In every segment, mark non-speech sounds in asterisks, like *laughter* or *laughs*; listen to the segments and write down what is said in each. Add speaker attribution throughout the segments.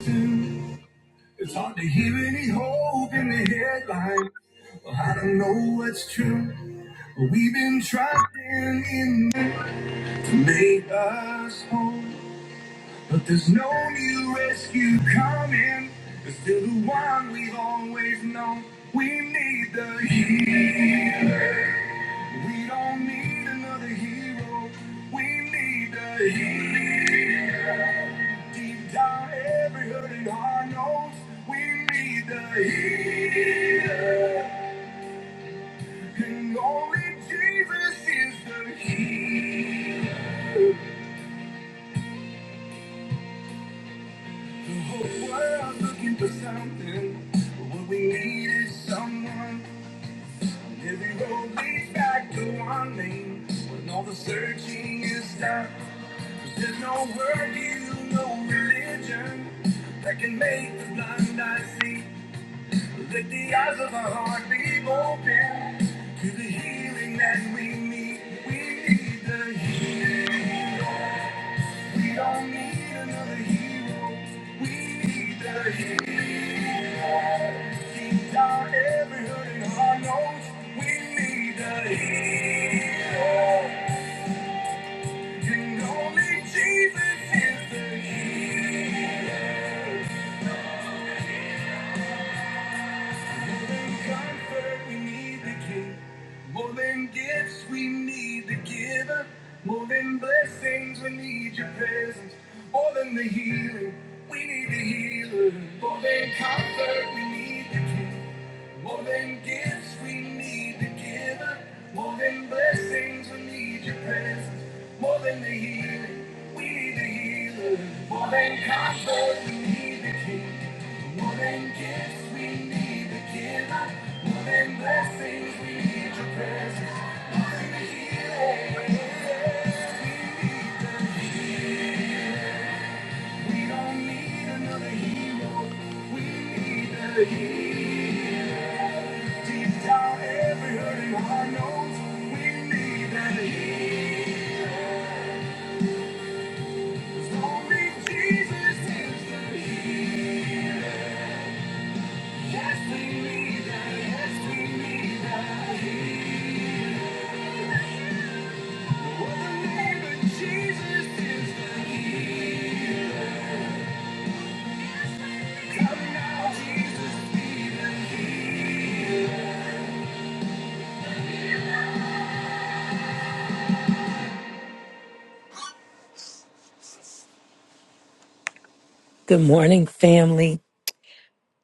Speaker 1: It's hard to hear any hope in the headline. Well, I don't know what's true, but we've been trying in to make us whole. But there's no new rescue coming. It's still the one we've always known. We need the healer. We don't need another hero. We need the healer. Deep down, every hurting heart knows we need the healer. And only Jesus is the healer. The whole world's looking for something, but what we need is someone. And every road leads back to one name. When all the searching is done, 'cause there's no word, no religion that can make the blind eye see. Let the eyes of our heart be open to the healing that we need. We need the healing. We don't need another hero. We need the healing. Deep down, every hurting heart knows we need the healing. And only Jesus is the healer. More than Comfort we need the King. More than gifts we need the Giver. More than blessings we need your presence. More than the healing we need the healer. More than comfort we need the King. More than gifts we need the. More than blessings, we need your presence. More than the healing, we need the healer. More than comfort, we need the king. More than gifts, we need the giver. More than blessings, we need your presence. More than the healing, we need the healer. We don't need another hero, we need the healer. Jesus is the healer. Yes, we need that. Yes, we need that healing. Oh, the name of Jesus is the healer. Come now, Jesus, be the healer.
Speaker 2: Good morning, family.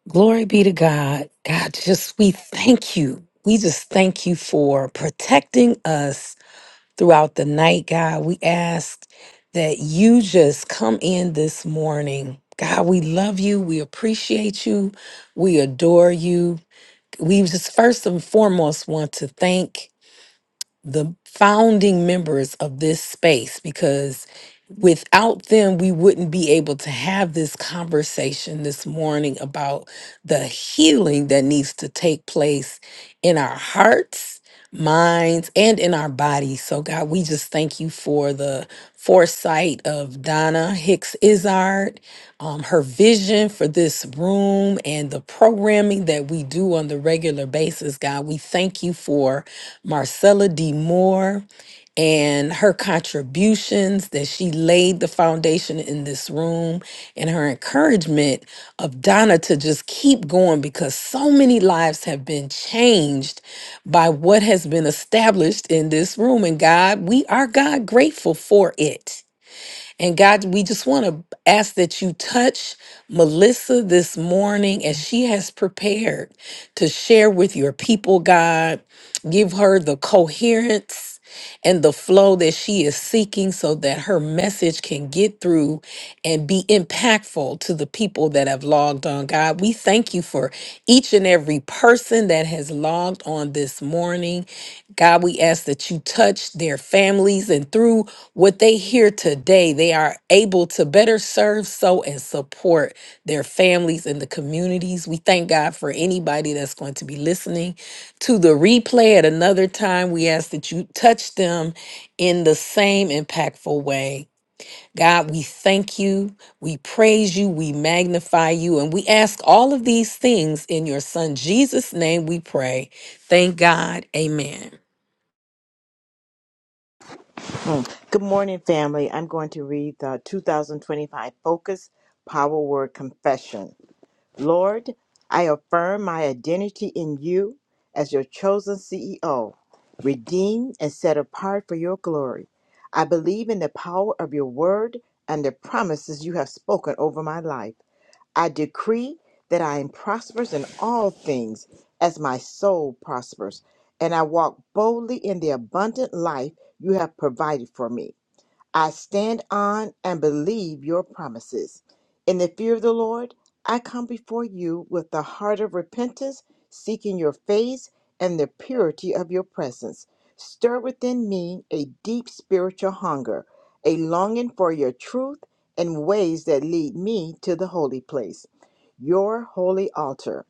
Speaker 2: Glory be to God. God, just we thank you. We just thank you for protecting us throughout the night, God. We ask that you just come in this morning. God, we love you. We appreciate you. We adore you. We just first and foremost want to thank the founding members of this space because without them, we wouldn't be able to have this conversation this morning about the healing that needs to take place in our hearts minds and in our bodies. So, God, we just thank you for the foresight of Donna Hicks Izard, um, her vision for this room and the programming that we do on the regular basis. God, we thank you for Marcella D. Moore and her contributions that she laid the foundation in this room and her encouragement of Donna to just keep going because so many lives have been changed by what has been established in this room and God we are God grateful for it and God, we just want to ask that you touch Melissa this morning as she has prepared to share with your people, God. Give her the coherence and the flow that she is seeking so that her message can get through and be impactful to the people that have logged on. God, we thank you for each and every person that has logged on this morning. God, we ask that you touch their families and through what they hear today, they are able to better serve, so, and support their families and the communities. We thank God for anybody that's going to be listening to the replay at another time. We ask that you touch them in the same impactful way. God, we thank you, we praise you, we magnify you, and we ask all of these things in your Son Jesus' name we pray. Thank God. Amen.
Speaker 3: Good morning, family. I'm going to read the 2025 Focus Power Word Confession. Lord, I affirm my identity in you as your chosen CEO, redeemed and set apart for your glory. I believe in the power of your word and the promises you have spoken over my life. I decree that I am prosperous in all things as my soul prospers, and I walk boldly in the abundant life you have provided for me. I stand on and believe your promises. In the fear of the Lord, I come before you with the heart of repentance, seeking your face and the purity of your presence. Stir within me a deep spiritual hunger, a longing for your truth and ways that lead me to the holy place, your holy altar.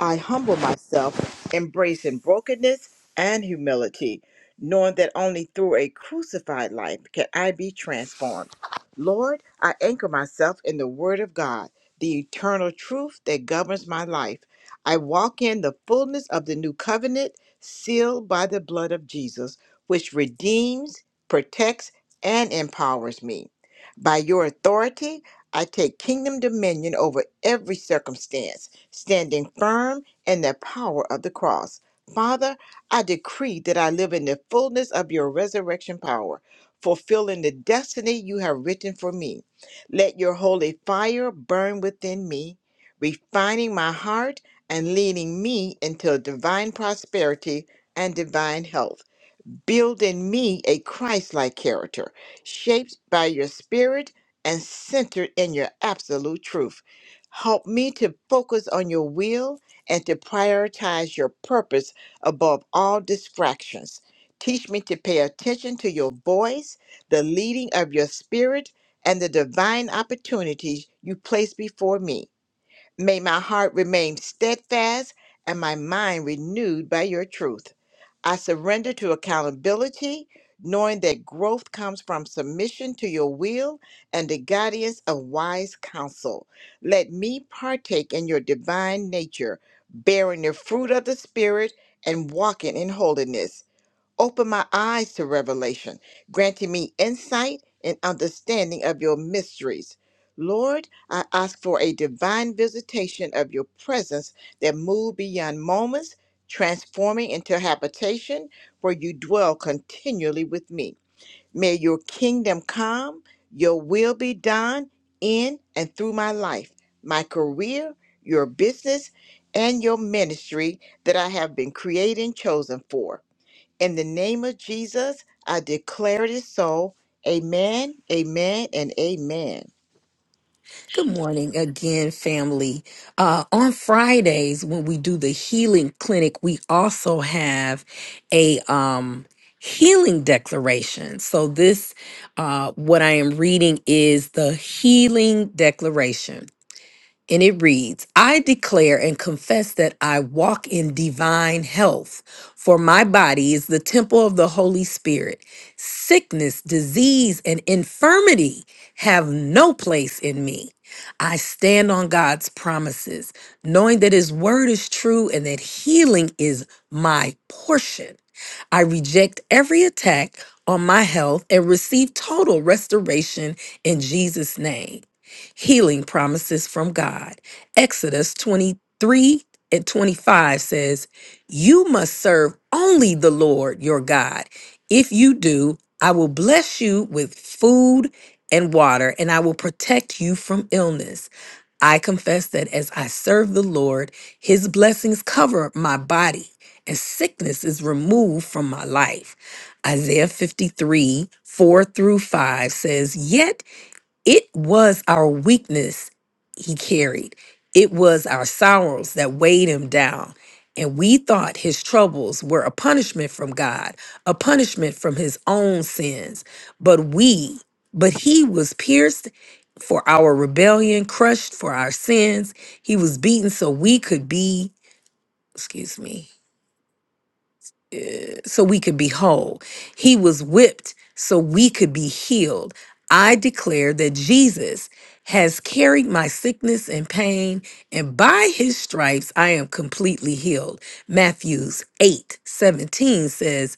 Speaker 3: I humble myself, embracing brokenness and humility, knowing that only through a crucified life can I be transformed. Lord, I anchor myself in the Word of God, the eternal truth that governs my life. I walk in the fullness of the new covenant, sealed by the blood of Jesus, which redeems, protects, and empowers me. By your authority, I take kingdom dominion over every circumstance standing firm in the power of the cross. Father, I decree that I live in the fullness of your resurrection power, fulfilling the destiny you have written for me. Let your holy fire burn within me, refining my heart and leading me into divine prosperity and divine health. Build in me a Christ like character, shaped by your spirit and centered in your absolute truth. Help me to focus on your will and to prioritize your purpose above all distractions. Teach me to pay attention to your voice, the leading of your spirit, and the divine opportunities you place before me. May my heart remain steadfast and my mind renewed by your truth. I surrender to accountability, knowing that growth comes from submission to your will and the guidance of wise counsel. Let me partake in your divine nature, bearing the fruit of the Spirit and walking in holiness. Open my eyes to revelation, granting me insight and understanding of your mysteries. Lord, I ask for a divine visitation of your presence that move beyond moments, transforming into habitation where you dwell continually with me. May your kingdom come, your will be done in and through my life, my career, your business, and your ministry that I have been created and chosen for. In the name of Jesus, I declare it is so. Amen, amen, and amen.
Speaker 2: Good morning again, family. Uh, on Fridays, when we do the healing clinic, we also have a um, healing declaration. So, this, uh, what I am reading is the healing declaration and it reads I declare and confess that I walk in divine health, for my body is the temple of the Holy Spirit. Sickness, disease, and infirmity have no place in me. I stand on God's promises, knowing that His word is true and that healing is my portion. I reject every attack on my health and receive total restoration in Jesus' name. Healing promises from God. Exodus 23 and 25 says, You must serve only the Lord your God. If you do, I will bless you with food and water, and I will protect you from illness. I confess that as I serve the Lord, his blessings cover my body and sickness is removed from my life. Isaiah 53 4 through 5 says, Yet it was our weakness he carried, it was our sorrows that weighed him down. And we thought his troubles were a punishment from God, a punishment from his own sins. But we, but he was pierced for our rebellion, crushed for our sins. He was beaten so we could be, excuse me, so we could be whole. He was whipped so we could be healed. I declare that Jesus has carried my sickness and pain, and by his stripes I am completely healed. Matthews eight seventeen says.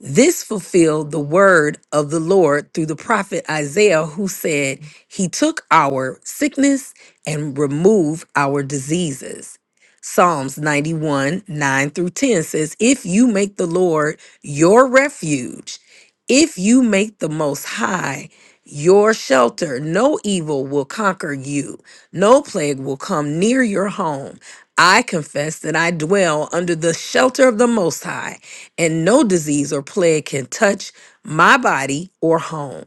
Speaker 2: This fulfilled the word of the Lord through the prophet Isaiah, who said, He took our sickness and removed our diseases. Psalms 91 9 through 10 says, If you make the Lord your refuge, if you make the Most High your shelter, no evil will conquer you, no plague will come near your home. I confess that I dwell under the shelter of the Most High and no disease or plague can touch my body or home.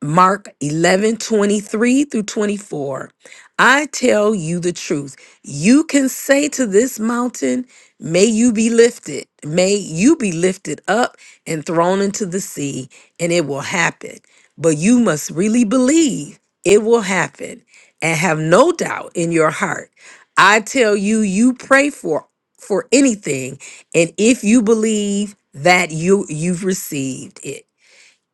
Speaker 2: Mark 11 23 through 24. I tell you the truth. You can say to this mountain, May you be lifted, may you be lifted up and thrown into the sea, and it will happen. But you must really believe it will happen and have no doubt in your heart. I tell you, you pray for for anything and if you believe that you you've received it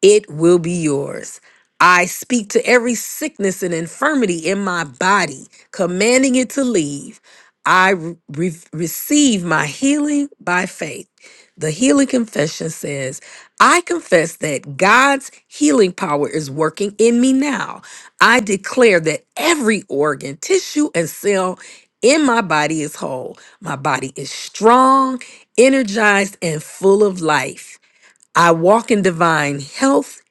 Speaker 2: it will be yours. I speak to every sickness and infirmity in my body, commanding it to leave. I re- re- receive my healing by faith. The healing confession says, I confess that God's healing power is working in me now. I declare that every organ, tissue, and cell in my body is whole. My body is strong, energized, and full of life. I walk in divine health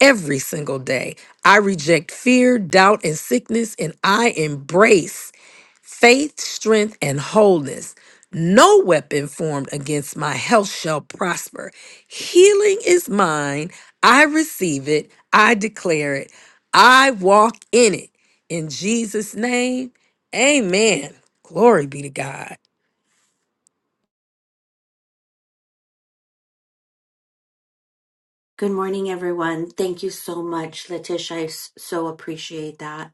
Speaker 2: every single day. I reject fear, doubt, and sickness, and I embrace faith, strength, and wholeness. No weapon formed against my health shall prosper. Healing is mine. I receive it. I declare it. I walk in it. In Jesus' name, amen. Glory be to God.
Speaker 4: Good morning, everyone. Thank you so much, Letitia. I s- so appreciate that.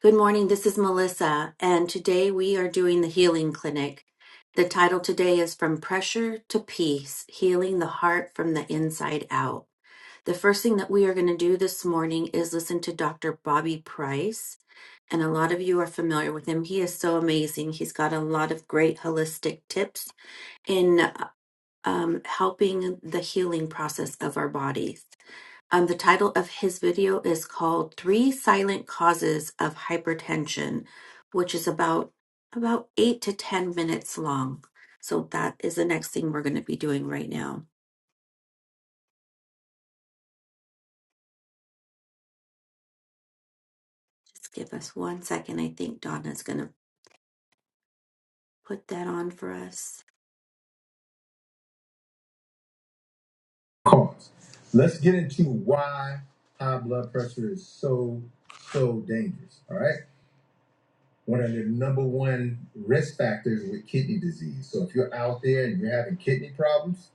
Speaker 4: Good morning. This is Melissa, and today we are doing the Healing Clinic. The title today is From Pressure to Peace Healing the Heart from the Inside Out. The first thing that we are going to do this morning is listen to Dr. Bobby Price. And a lot of you are familiar with him. He is so amazing. He's got a lot of great holistic tips in um, helping the healing process of our bodies. Um, the title of his video is called Three Silent Causes of Hypertension, which is about about eight to ten minutes long. So that is the next thing we're going to be doing right now. Just give us one second. I think Donna's going to put that on for us.
Speaker 1: cause. Let's get into why high blood pressure is so, so dangerous. All right. One of the number one risk factors with kidney disease. So if you're out there and you're having kidney problems,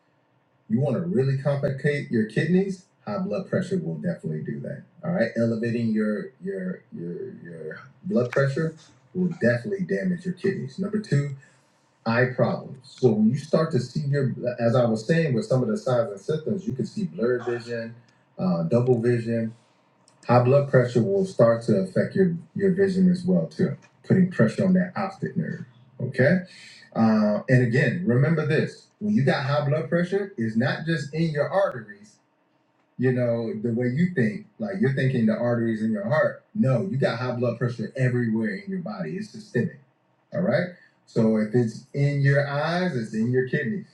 Speaker 1: you want to really complicate your kidneys, high blood pressure will definitely do that. All right. Elevating your your your your blood pressure will definitely damage your kidneys. Number two, eye problems. So when you start to see your, as I was saying, with some of the signs and symptoms, you can see blurred vision, uh, double vision. High blood pressure will start to affect your your vision as well too, putting pressure on that optic nerve. Okay, uh, and again, remember this: when you got high blood pressure, it's not just in your arteries; you know, the way you think, like you're thinking the arteries in your heart. No, you got high blood pressure everywhere in your body. It's systemic. All right. So if it's in your eyes, it's in your kidneys.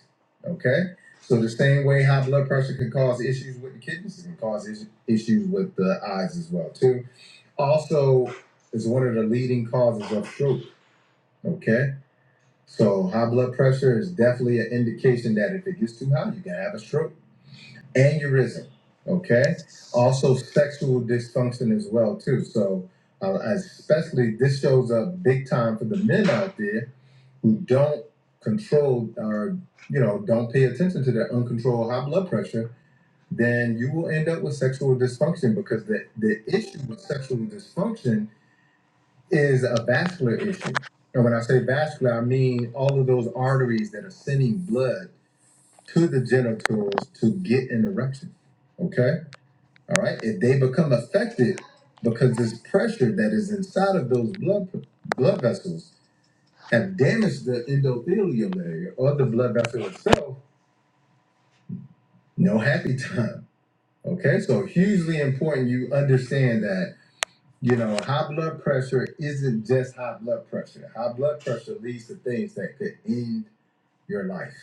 Speaker 1: Okay. So the same way high blood pressure can cause issues with the kidneys, it can cause is- issues with the eyes as well too. Also, it's one of the leading causes of stroke. Okay. So high blood pressure is definitely an indication that if it gets too high, you can have a stroke aneurysm okay also sexual dysfunction as well too so uh, especially this shows up big time for the men out there who don't control or you know don't pay attention to their uncontrolled high blood pressure then you will end up with sexual dysfunction because the, the issue with sexual dysfunction is a vascular issue and when i say vascular i mean all of those arteries that are sending blood to the genitals to get an erection okay all right. If they become affected because this pressure that is inside of those blood blood vessels have damaged the endothelial layer or the blood vessel itself, no happy time. Okay. So hugely important you understand that, you know, high blood pressure isn't just high blood pressure. High blood pressure leads to things that could end your life.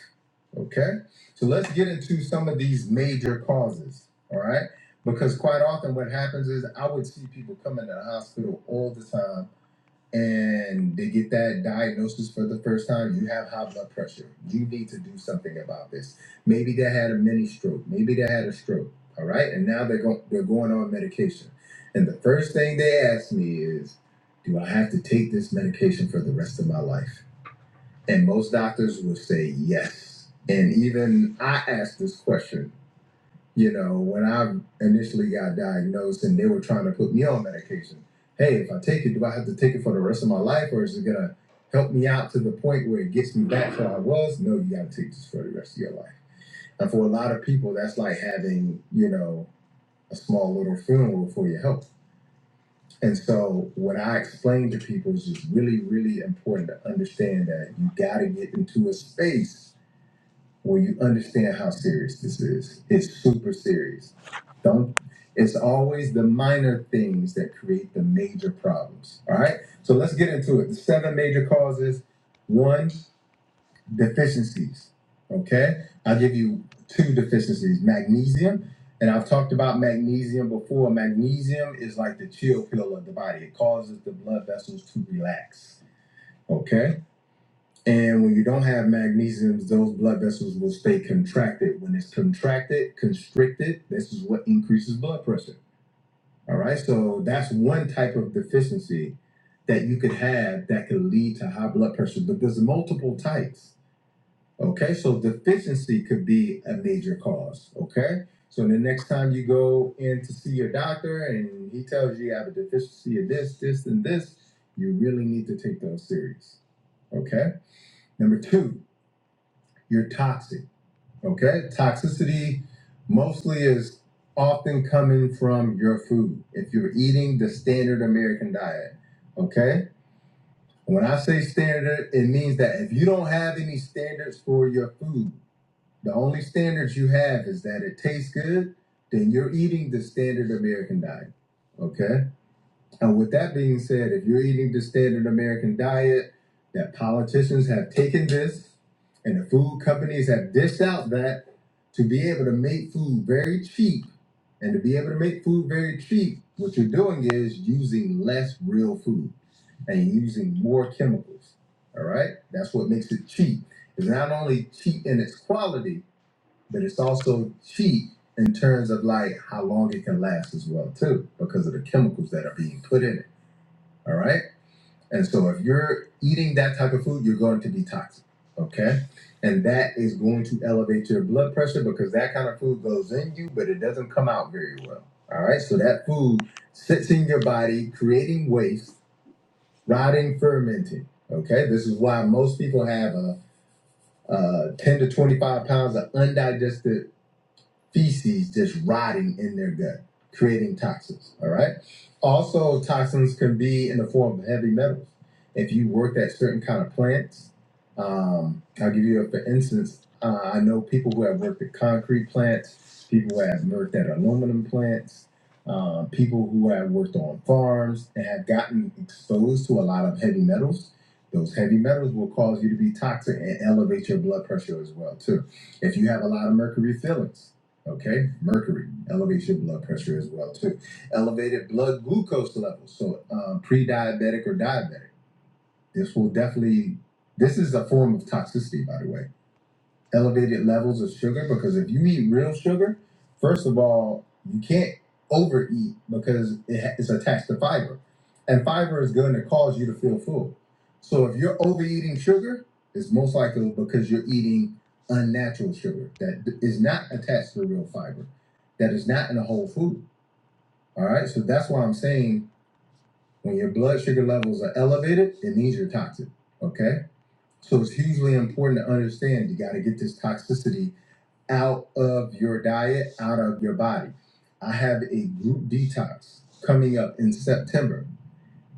Speaker 1: Okay? So let's get into some of these major causes. All right? Because quite often what happens is I would see people come into the hospital all the time and they get that diagnosis for the first time. You have high blood pressure. You need to do something about this. Maybe they had a mini stroke. Maybe they had a stroke. All right? And now they're going they're going on medication. And the first thing they ask me is, do I have to take this medication for the rest of my life? And most doctors would say yes. And even I asked this question, you know, when I initially got diagnosed and they were trying to put me on medication. Hey, if I take it, do I have to take it for the rest of my life or is it going to help me out to the point where it gets me back to where I was? No, you got to take this for the rest of your life. And for a lot of people, that's like having, you know, a small little funeral for your health. And so what I explain to people is just really, really important to understand that you got to get into a space when you understand how serious this is. It's super serious. Don't. It's always the minor things that create the major problems. All right. So let's get into it. The seven major causes. One, deficiencies. Okay. I'll give you two deficiencies. Magnesium. And I've talked about magnesium before. Magnesium is like the chill pill of the body. It causes the blood vessels to relax. Okay. And when you don't have magnesiums, those blood vessels will stay contracted. When it's contracted, constricted, this is what increases blood pressure. All right. So that's one type of deficiency that you could have that could lead to high blood pressure, but there's multiple types. Okay. So deficiency could be a major cause. Okay. So the next time you go in to see your doctor and he tells you you have a deficiency of this, this, and this, you really need to take those serious. Okay. Number two, you're toxic. Okay? Toxicity mostly is often coming from your food. If you're eating the standard American diet. Okay? When I say standard, it means that if you don't have any standards for your food, the only standards you have is that it tastes good, then you're eating the standard American diet. Okay? And with that being said, if you're eating the standard American diet, that politicians have taken this and the food companies have dished out that to be able to make food very cheap and to be able to make food very cheap, what you're doing is using less real food and using more chemicals. All right? That's what makes it cheap. It's not only cheap in its quality, but it's also cheap in terms of like how long it can last as well too because of the chemicals that are being put in it. All right. And so if you're eating that type of food, you're going to be toxic. Okay. And that is going to elevate your blood pressure because that kind of food goes in you, but it doesn't come out very well. All right. So that food sits in your body, creating waste, rotting, fermenting. Okay. This is why most people have a, uh 10 to 25 pounds of undigested feces just rotting in their gut, creating toxins. All right. Also, toxins can be in the form of heavy metals. If you work at certain kind of plants, um, I'll give you a for instance. Uh, I know people who have worked at concrete plants, people who have worked at aluminum plants, uh, people who have worked on farms and have gotten exposed to a lot of heavy metals. Those heavy metals will cause you to be toxic and elevate your blood pressure as well too. If you have a lot of mercury fillings, Okay, mercury elevates your blood pressure as well too. Elevated blood glucose levels, so um, pre-diabetic or diabetic. This will definitely. This is a form of toxicity, by the way elevated levels of sugar because if you eat real sugar, first of all, you can't overeat because it ha- it's attached to fiber. And fiber is going to cause you to feel full. So if you're overeating sugar, it's most likely because you're eating unnatural sugar that d- is not attached to real fiber, that is not in a whole food. All right. So that's why I'm saying when your blood sugar levels are elevated, it means you're toxic. Okay. So it's hugely important to understand you got to get this toxicity out of your diet, out of your body. I have a group detox coming up in September.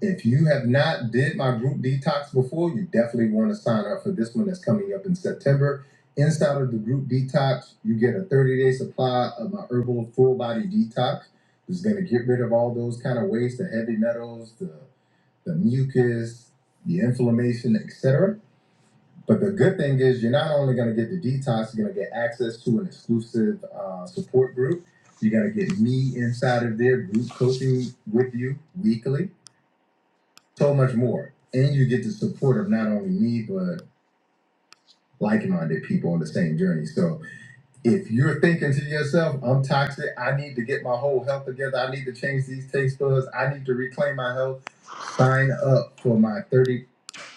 Speaker 1: If you have not did my group detox before, you definitely want to sign up for this one that's coming up in September. Inside of the group detox, you get a 30-day supply of my herbal full body detox. It's going to get rid of all those kind of waste, the heavy metals, the the mucus, the inflammation, etc. But the good thing is, you're not only going to get the detox, you're going to get access to an exclusive uh, support group. You're going to get me inside of their group coaching with you weekly, so much more. And you get the support of not only me, but like minded people on the same journey. So if you're thinking to yourself, I'm toxic, I need to get my whole health together, I need to change these taste buds, I need to reclaim my health, sign up for my 30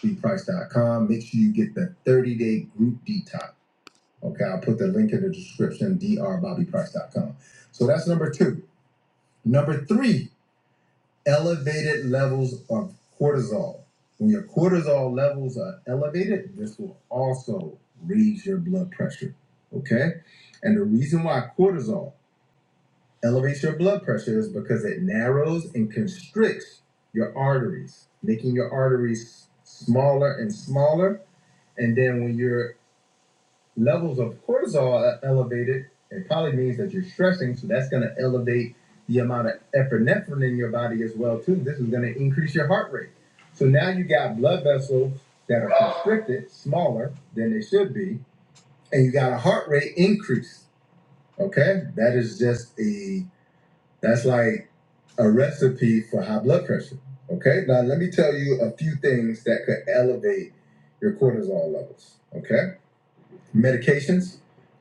Speaker 1: dprice.com. Make sure you get the 30 day group detox Okay, I'll put the link in the description, drbobbyprice.com. So that's number two. Number three, elevated levels of cortisol. When your cortisol levels are elevated, this will also raise your blood pressure. Okay? And the reason why cortisol elevates your blood pressure is because it narrows and constricts your arteries, making your arteries smaller and smaller. And then when you're levels of cortisol are elevated, it probably means that you're stressing. So that's going to elevate the amount of epinephrine in your body as well too. This is going to increase your heart rate. So now you got blood vessels that are constricted, smaller than they should be, and you got a heart rate increase. Okay, that is just a that's like a recipe for high blood pressure. Okay, now let me tell you a few things that could elevate your cortisol levels. Okay medications.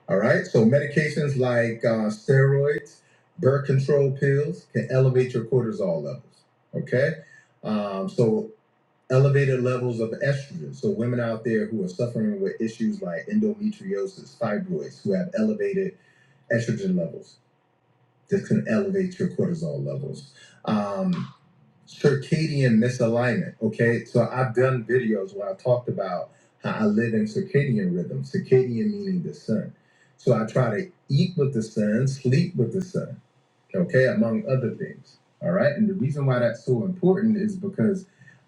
Speaker 1: All right, so medications like uh, steroids, birth control pills can elevate your cortisol levels. Okay, um, so elevated levels of estrogen. So women out there who are suffering with issues like endometriosis, fibroids, who have elevated estrogen levels, this can elevate your cortisol levels. Um, circadian misalignment. Okay, so I've done videos where I talked about how I live in circadian rhythm, circadian meaning the sun. So I try to eat with the sun, sleep with the sun, okay, among other things. All right, and the reason why that's so important is because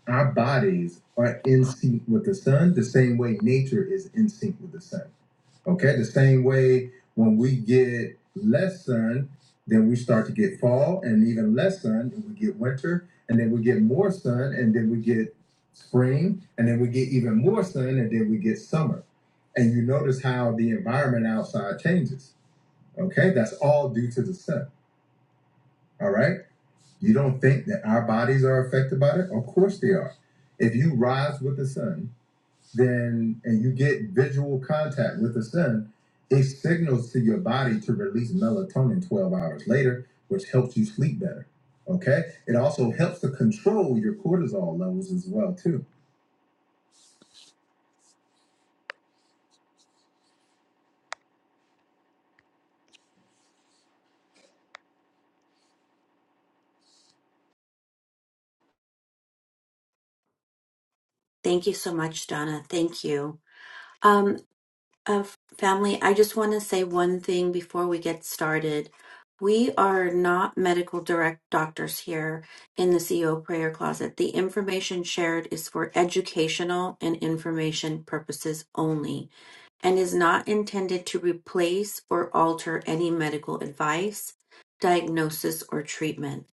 Speaker 1: our bodies are in sync with the sun the same way nature is in sync with the sun. Okay, the same way when we get less sun, then we start to get fall and even less sun, and we get winter, and then we get more sun, and then we get spring, and then we get even more sun, and then we get summer. And you notice how the environment outside changes. Okay, that's all due to the sun. All right, you don't think that our bodies are affected by it? Of course they are. If you rise with the sun, then and you get visual contact with the sun, it signals to your body to release melatonin 12 hours later, which helps you sleep better. Okay? It also helps to control your cortisol levels as well, too.
Speaker 4: Thank you so much, Donna. Thank you. Um, Of family, I just want to say one thing before we get started. We are not medical direct doctors here in the CEO prayer closet. The information shared is for educational and information purposes only and is not intended to replace or alter any medical advice, diagnosis, or treatment.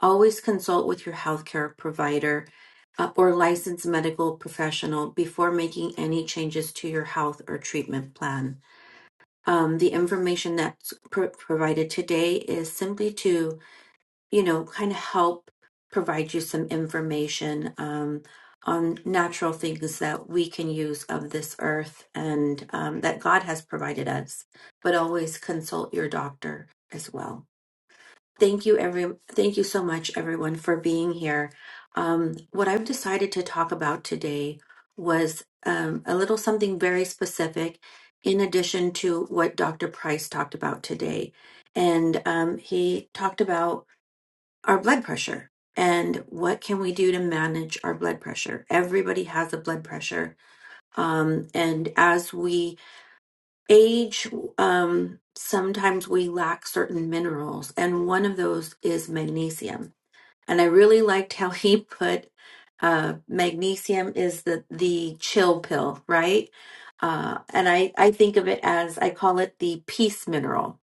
Speaker 4: Always consult with your healthcare provider uh, or licensed medical professional before making any changes to your health or treatment plan. Um, the information that's pro- provided today is simply to you know, kind of help provide you some information um, on natural things that we can use of this earth and um, that God has provided us. But always consult your doctor as well. Thank you, every. Thank you so much, everyone, for being here. Um, what I've decided to talk about today was um, a little something very specific, in addition to what Dr. Price talked about today, and um, he talked about our blood pressure and what can we do to manage our blood pressure everybody has a blood pressure um, and as we age um, sometimes we lack certain minerals and one of those is magnesium and i really liked how *laughs* he put uh, magnesium is the the chill pill right uh, and I, I think of it as i call it the peace mineral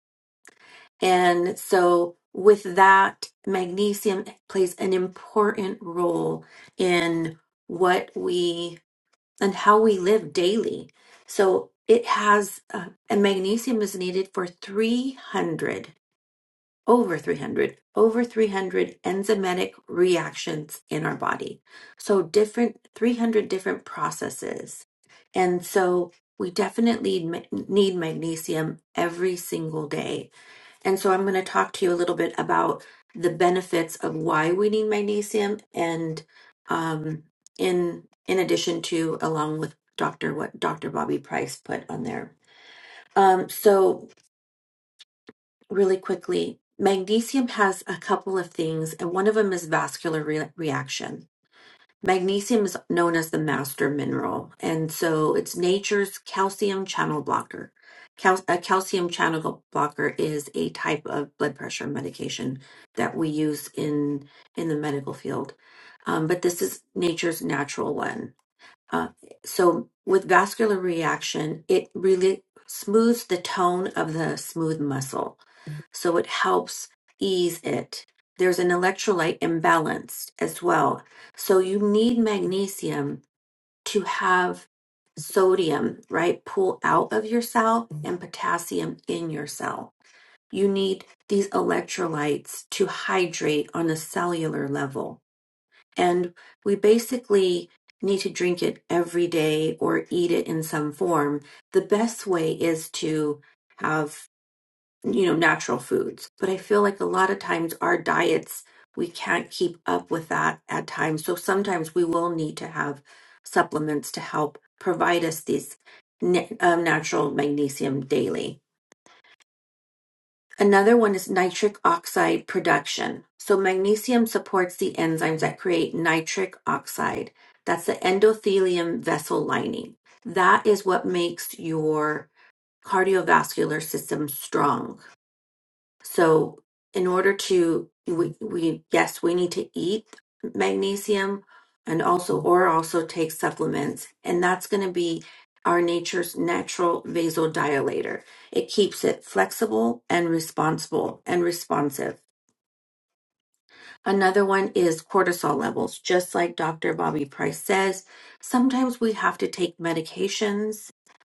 Speaker 4: and so, with that, magnesium plays an important role in what we and how we live daily. So, it has, uh, and magnesium is needed for 300, over 300, over 300 enzymatic reactions in our body. So, different, 300 different processes. And so, we definitely ma- need magnesium every single day and so I'm going to talk to you a little bit about the benefits of why we need magnesium and um, in in addition to along with Dr. what Dr. Bobby Price put on there. Um, so really quickly, magnesium has a couple of things and one of them is vascular re- reaction. Magnesium is known as the master mineral, and so it's nature's calcium channel blocker. Cal- a calcium channel blocker is a type of blood pressure medication that we use in in the medical field, um, but this is nature's natural one. Uh, so with vascular reaction, it really smooths the tone of the smooth muscle so it helps ease it. There's an electrolyte imbalance as well. So you need magnesium to have sodium, right, pull out of your cell and potassium in your cell. You need these electrolytes to hydrate on a cellular level. And we basically need to drink it every day or eat it in some form. The best way is to have you know, natural foods. But I feel like a lot of times our diets, we can't keep up with that at times. So sometimes we will need to have supplements to help provide us these na- um, natural magnesium daily. Another one is nitric oxide production. So magnesium supports the enzymes that create nitric oxide. That's the endothelium vessel lining. That is what makes your cardiovascular system strong so, in order to we we yes, we need to eat magnesium and also or also take supplements, and that's going to be our nature's natural vasodilator. It keeps it flexible and responsible and responsive. Another one is cortisol levels. Just like Dr. Bobby Price says, sometimes we have to take medications,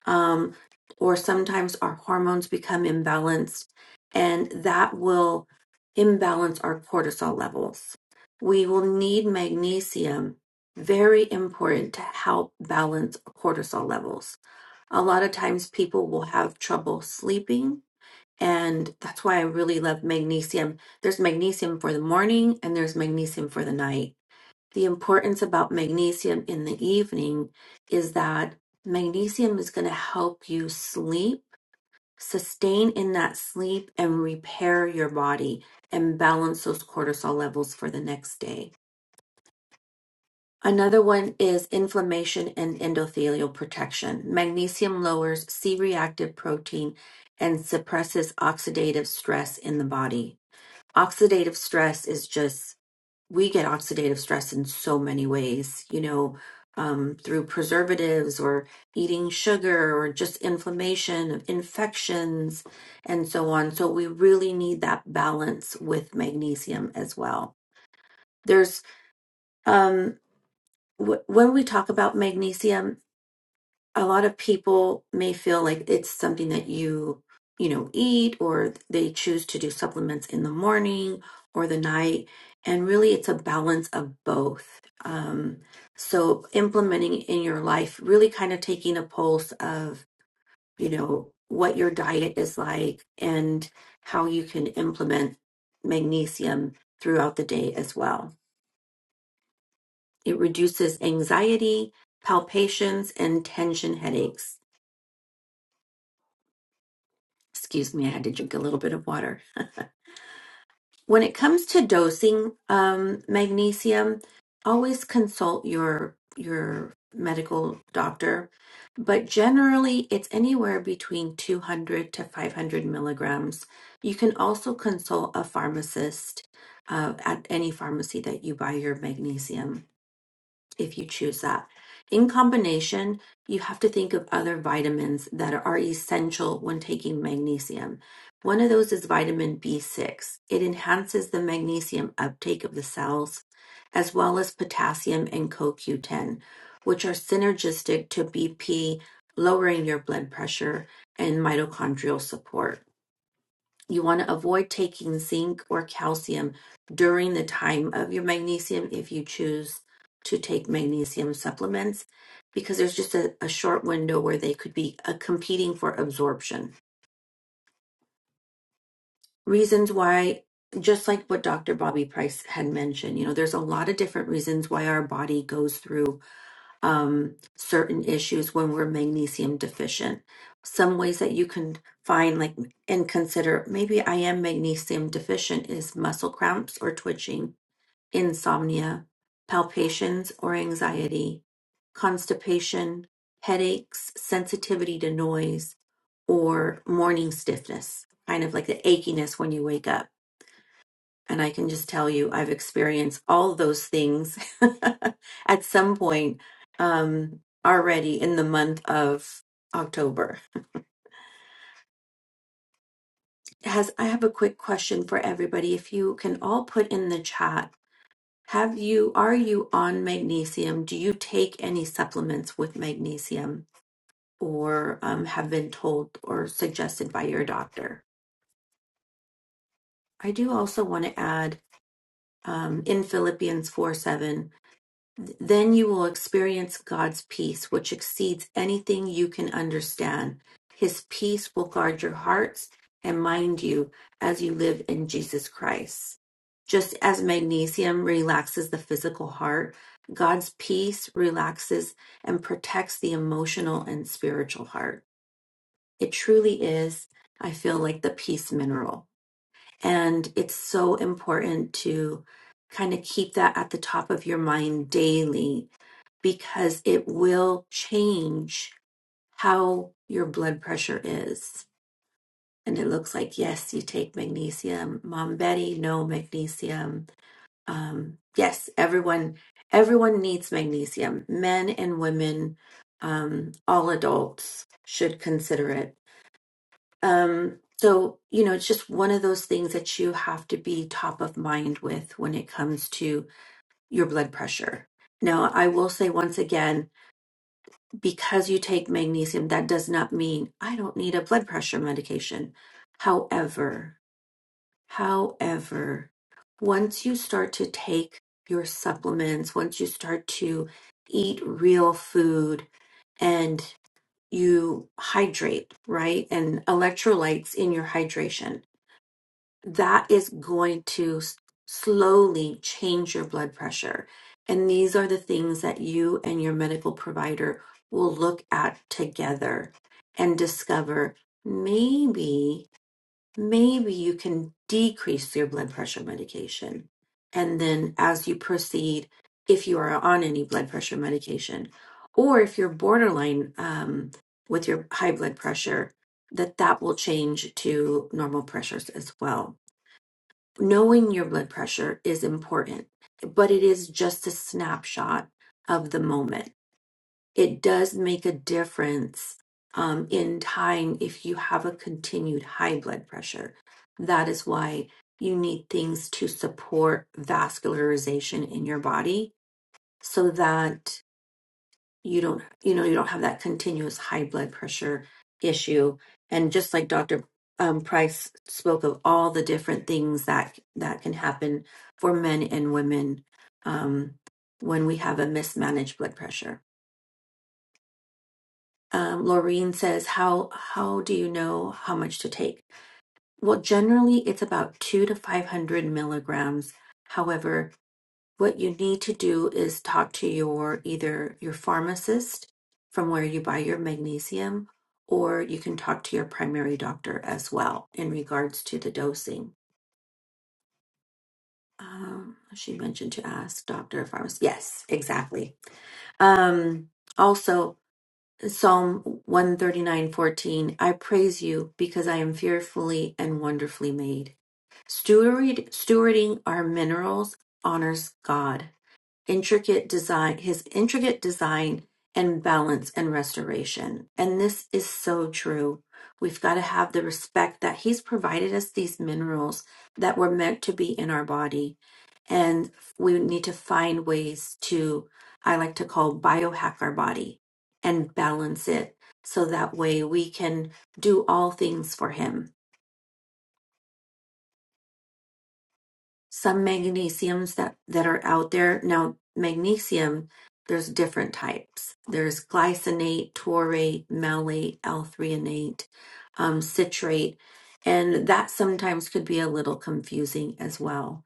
Speaker 4: um, or sometimes our hormones become imbalanced, and that will imbalance our cortisol levels. We will need magnesium, very important to help balance cortisol levels. A lot of times people will have trouble sleeping and that's why I really love magnesium. There's magnesium for the morning and there's magnesium for the night. The importance about magnesium in the evening is that magnesium is going to help you sleep, sustain in that sleep, and repair your body and balance those cortisol levels for the next day. Another one is inflammation and endothelial protection. Magnesium lowers C reactive protein and suppresses oxidative stress in the body oxidative stress is just we get oxidative stress in so many ways you know um, through preservatives or eating sugar or just inflammation infections and so on so we really need that balance with magnesium as well there's um, w- when we talk about magnesium a lot of people may feel like it's something that you you know eat or they choose to do supplements in the morning or the night and really it's a balance of both um, so implementing in your life really kind of taking a pulse of you know what your diet is like and how you can implement magnesium throughout the day as well it reduces anxiety palpitations and tension headaches Excuse me, I had to drink a little bit of water. *laughs* When it comes to dosing um, magnesium, always consult your your medical doctor. But generally, it's anywhere between 200 to 500 milligrams. You can also consult a pharmacist uh, at any pharmacy that you buy your magnesium if you choose that. In combination, you have to think of other vitamins that are essential when taking magnesium. One of those is vitamin B6. It enhances the magnesium uptake of the cells, as well as potassium and CoQ10, which are synergistic to BP, lowering your blood pressure and mitochondrial support. You want to avoid taking zinc or calcium during the time of your magnesium if you choose to take magnesium supplements because there's just a, a short window where they could be uh, competing for absorption. Reasons why, just like what Dr. Bobby Price had mentioned, you know, there's a lot of different reasons why our body goes through um, certain issues when we're magnesium deficient. Some ways that you can find, like, and consider maybe I am magnesium deficient is muscle cramps or twitching, insomnia, palpitations or anxiety, constipation, headaches, sensitivity to noise, or morning stiffness, kind of like the achiness when you wake up and I can just tell you, I've experienced all those things *laughs* at some point um, already in the month of October. Has I have a quick question for everybody. If you can all put in the chat, have you are you on magnesium? Do you take any supplements with magnesium, or um, have been told or suggested by your doctor? I do also want to add um, in Philippians four seven. Then you will experience God's peace, which exceeds anything you can understand. His peace will guard your hearts and mind you as you live in Jesus Christ. Just as magnesium relaxes the physical heart, God's peace relaxes and protects the emotional and spiritual heart. It truly is, I feel like the peace mineral. And it's so important to kind of keep that at the top of your mind daily because it will change how your blood pressure is. And it looks like, yes, you take magnesium. Mom Betty, no magnesium. Um, yes, everyone, everyone needs magnesium. Men and women, um, all adults should consider it. Um, so, you know, it's just one of those things that you have to be top of mind with when it comes to your blood pressure. Now, I will say once again, because you take magnesium, that does not mean I don't need a blood pressure medication. However, however, once you start to take your supplements, once you start to eat real food and you hydrate, right? And electrolytes in your hydration that is going to s- slowly change your blood pressure. And these are the things that you and your medical provider will look at together and discover maybe, maybe you can decrease your blood pressure medication. And then as you proceed, if you are on any blood pressure medication, or if you're borderline um, with your high blood pressure, that that will change to normal pressures as well knowing your blood pressure is important, but it is just a snapshot of the moment. It does make a difference um, in time if you have a continued high blood pressure. That is why you need things to support vascularization in your body so that you don't you know you don't have that continuous high blood pressure issue and just like dr um, price spoke of all the different things that that can happen for men and women um, when we have a mismanaged blood pressure um, laureen says how how do you know how much to take well generally it's about two to five hundred milligrams however what you need to do is talk to your either your pharmacist from where you buy your magnesium or you can talk to your primary doctor as well in regards to the dosing um, she mentioned to ask doctor if i was yes exactly um, also psalm one thirty nine fourteen. i praise you because i am fearfully and wonderfully made Steward, stewarding our minerals honors god intricate design his intricate design and balance and restoration and this is so true we've got to have the respect that he's provided us these minerals that were meant to be in our body and we need to find ways to i like to call biohack our body and balance it so that way we can do all things for him some magnesiums that that are out there now magnesium there's different types there's glycinate taurate malate l-threonate um, citrate and that sometimes could be a little confusing as well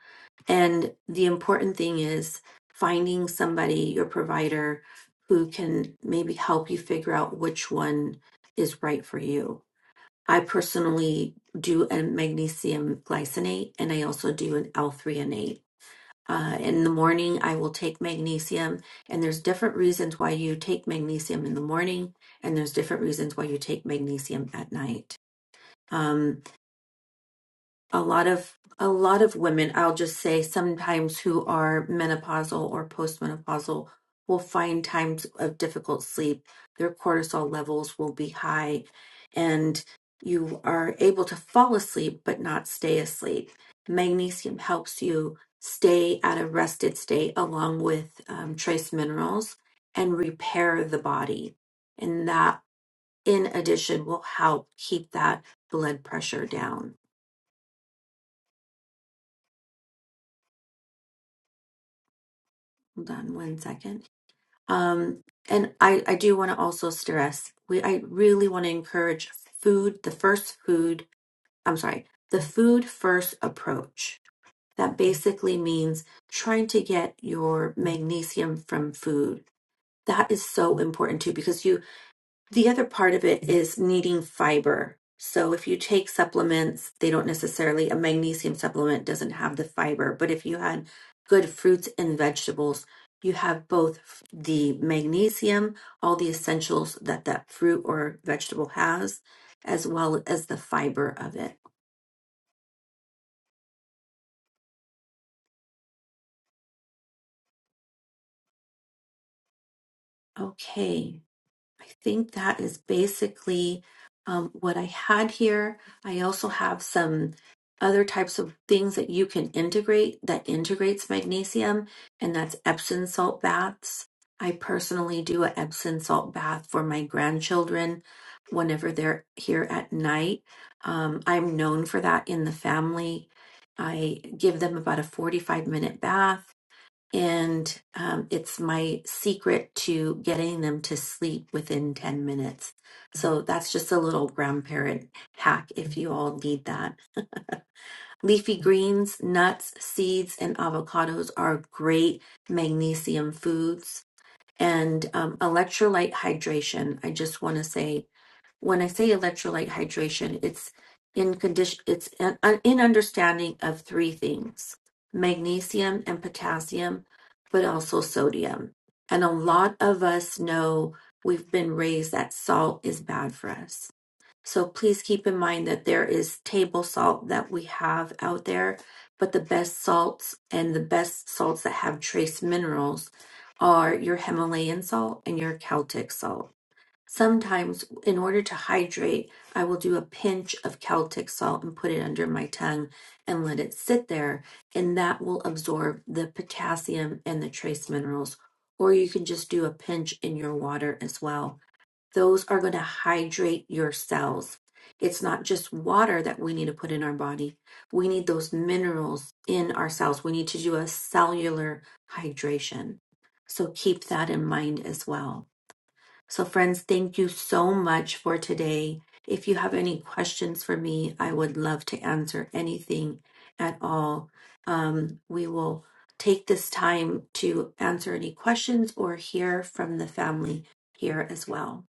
Speaker 4: and the important thing is finding somebody your provider who can maybe help you figure out which one is right for you I personally do a magnesium glycinate and I also do an L-threonate. Uh, in the morning, I will take magnesium, and there's different reasons why you take magnesium in the morning, and there's different reasons why you take magnesium at night. Um, a lot of a lot of women i'll just say sometimes who are menopausal or postmenopausal will find times of difficult sleep their cortisol levels will be high and you are able to fall asleep but not stay asleep magnesium helps you stay at a rested state along with um, trace minerals and repair the body and that in addition will help keep that blood pressure down Hold on one second. Um, and I, I do want to also stress we I really want to encourage food, the first food, I'm sorry, the food first approach. That basically means trying to get your magnesium from food. That is so important too because you the other part of it is needing fiber. So if you take supplements, they don't necessarily, a magnesium supplement doesn't have the fiber, but if you had good fruits and vegetables, you have both the magnesium, all the essentials that that fruit or vegetable has, as well as the fiber of it. Okay. I think that is basically um, what I had here. I also have some other types of things that you can integrate that integrates magnesium, and that's Epsom salt baths. I personally do a Epsom salt bath for my grandchildren whenever they're here at night. Um, I'm known for that in the family. I give them about a 45 minute bath and um, it's my secret to getting them to sleep within 10 minutes. So that's just a little grandparent hack if you all need that. Leafy greens, nuts, seeds, and avocados are great magnesium foods. And um, electrolyte hydration, I just want to say when I say electrolyte hydration, it's in condition, it's an, un- in understanding of three things: magnesium and potassium, but also sodium. And a lot of us know we've been raised that salt is bad for us. So please keep in mind that there is table salt that we have out there, but the best salts and the best salts that have trace minerals are your Himalayan salt and your Celtic salt Sometimes, in order to hydrate, I will do a pinch of Celtic salt and put it under my tongue and let it sit there, and that will absorb the potassium and the trace minerals. Or you can just do a pinch in your water as well. Those are going to hydrate your cells. It's not just water that we need to put in our body. We need those minerals in our cells. We need to do a cellular hydration. So keep that in mind as well. So, friends, thank you so much for today. If you have any questions for me, I would love to answer anything at all. Um, we will take this time to answer any questions or hear from the family here as well.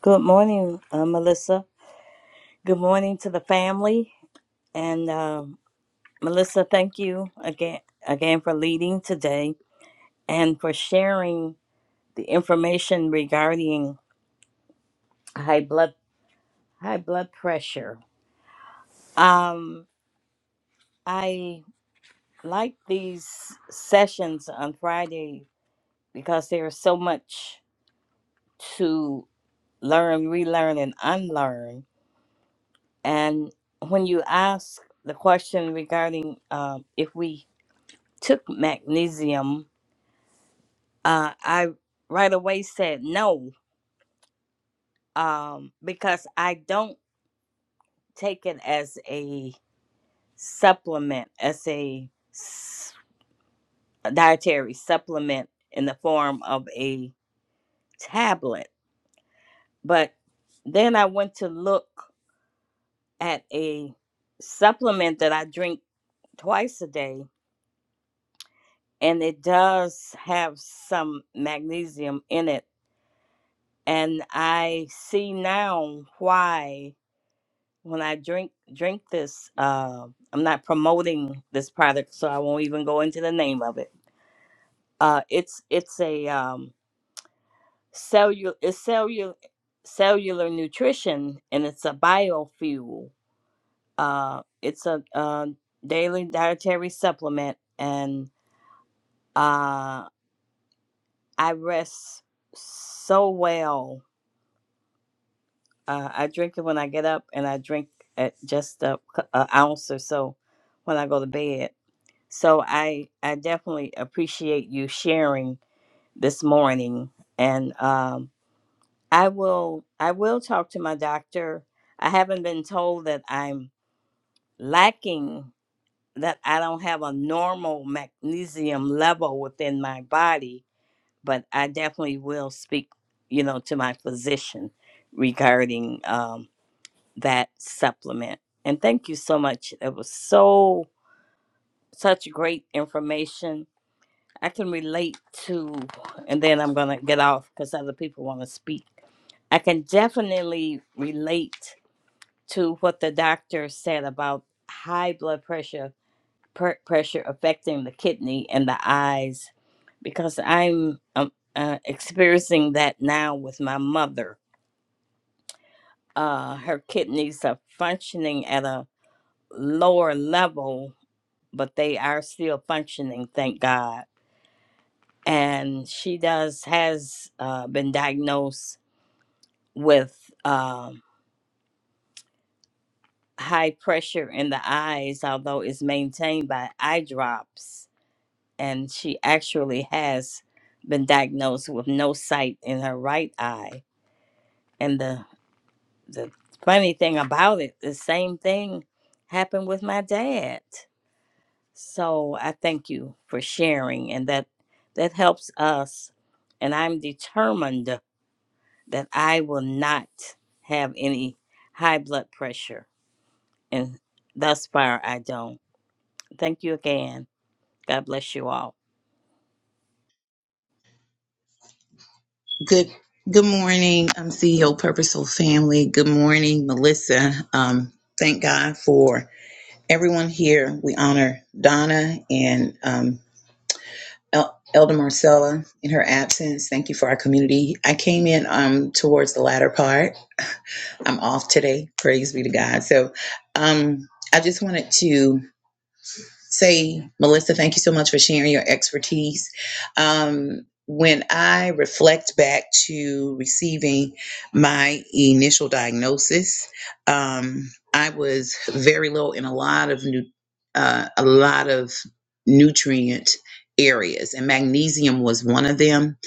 Speaker 5: Good morning, uh, Melissa. Good morning to the family. And um Melissa, thank you again, again for leading today and for sharing the information regarding high blood high blood pressure. Um, I like these sessions on Friday because there's so much to learn, relearn, and unlearn. And when you ask the question regarding um, if we took magnesium, uh, I right away said no um, because I don't take it as a supplement, as a s- a dietary supplement in the form of a tablet. But then I went to look at a supplement that I drink twice a day, and it does have some magnesium in it. And I see now why when I drink drink this, uh, I'm not promoting this product, so I won't even go into the name of it. Uh, it's it's a um, cellular it's cellular cellular nutrition, and it's a biofuel. Uh, it's a uh, daily dietary supplement, and uh, I rest so well. Uh, I drink it when I get up, and I drink at just a, cou- a ounce or so when I go to bed So I I definitely appreciate you sharing this morning, and um, I will I will talk to my doctor. I haven't been told that I'm lacking that I don't have a normal magnesium level within my body, but I definitely will speak, you know, to my physician regarding um, that supplement. And thank you so much. It was so such great information I can relate to, and then I'm going to get off because other people want to speak. I can definitely relate to what the doctor said about high blood pressure, per- pressure affecting the kidney and the eyes, because I'm um, uh, experiencing that now with my mother. Uh, her kidneys are functioning at a lower level, but they are still functioning, thank God and she does has uh, been diagnosed with um, high pressure in the eyes, although it's maintained by eye drops. And she actually has been diagnosed with no sight in her right eye. And the the funny thing about it, the same thing happened with my dad. So I thank you for sharing, and that that helps us. And I'm determined that I will not have any high blood pressure. And thus far, I don't. Thank you again. God bless you all.
Speaker 6: Good good morning, um, CEO Purposeful Family. Good morning, Melissa. Um, thank God for everyone here. We honor Donna and um, El- Elder Marcella in her absence. Thank you for our community. I came in um, towards the latter part. I'm off today. Praise be to God. So um, I just wanted to say, Melissa, thank you so much for sharing your expertise. Um, when I reflect back to receiving my initial diagnosis, um, I was very low in a lot of new, uh, a lot of nutrient areas, and magnesium was one of them.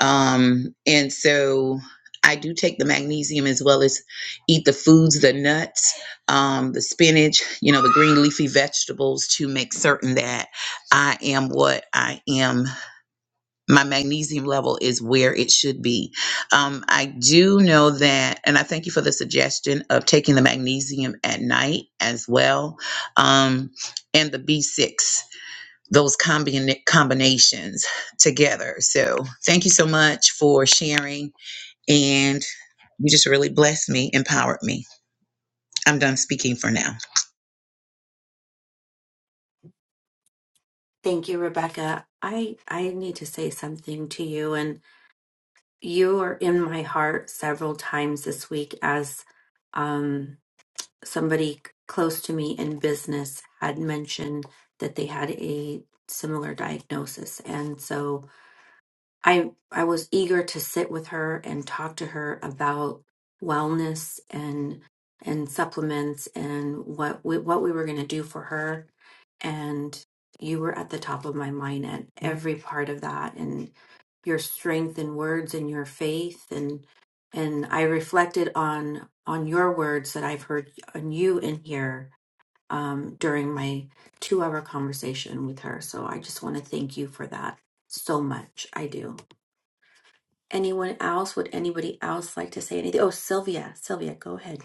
Speaker 6: Um, and so I do take the magnesium as well as eat the foods, the nuts um, the spinach, you know, the green leafy vegetables to make certain that I am what I am. My magnesium level is where it should be. Um, I do know that, and I thank you for the suggestion of taking the magnesium at night as well, um, and the B6, those combina- combinations together. So thank you so much for sharing, and you just really blessed me, empowered me. I'm done speaking for now.
Speaker 4: Thank you, Rebecca. I, I need to say something to you, and you are in my heart several times this week as. Um, somebody close to me in business had mentioned that they had a similar diagnosis. And so I I was eager to sit with her and talk to her about wellness and and supplements and what we, what we were going to do for her and you were at the top of my mind at every part of that and your strength and words and your faith and and I reflected on on your words that I've heard on you in here um, during my two hour conversation with her. So I just want to thank you for that so much. I do. Anyone else? Would anybody else like to say anything? Oh, Sylvia, Sylvia, go ahead.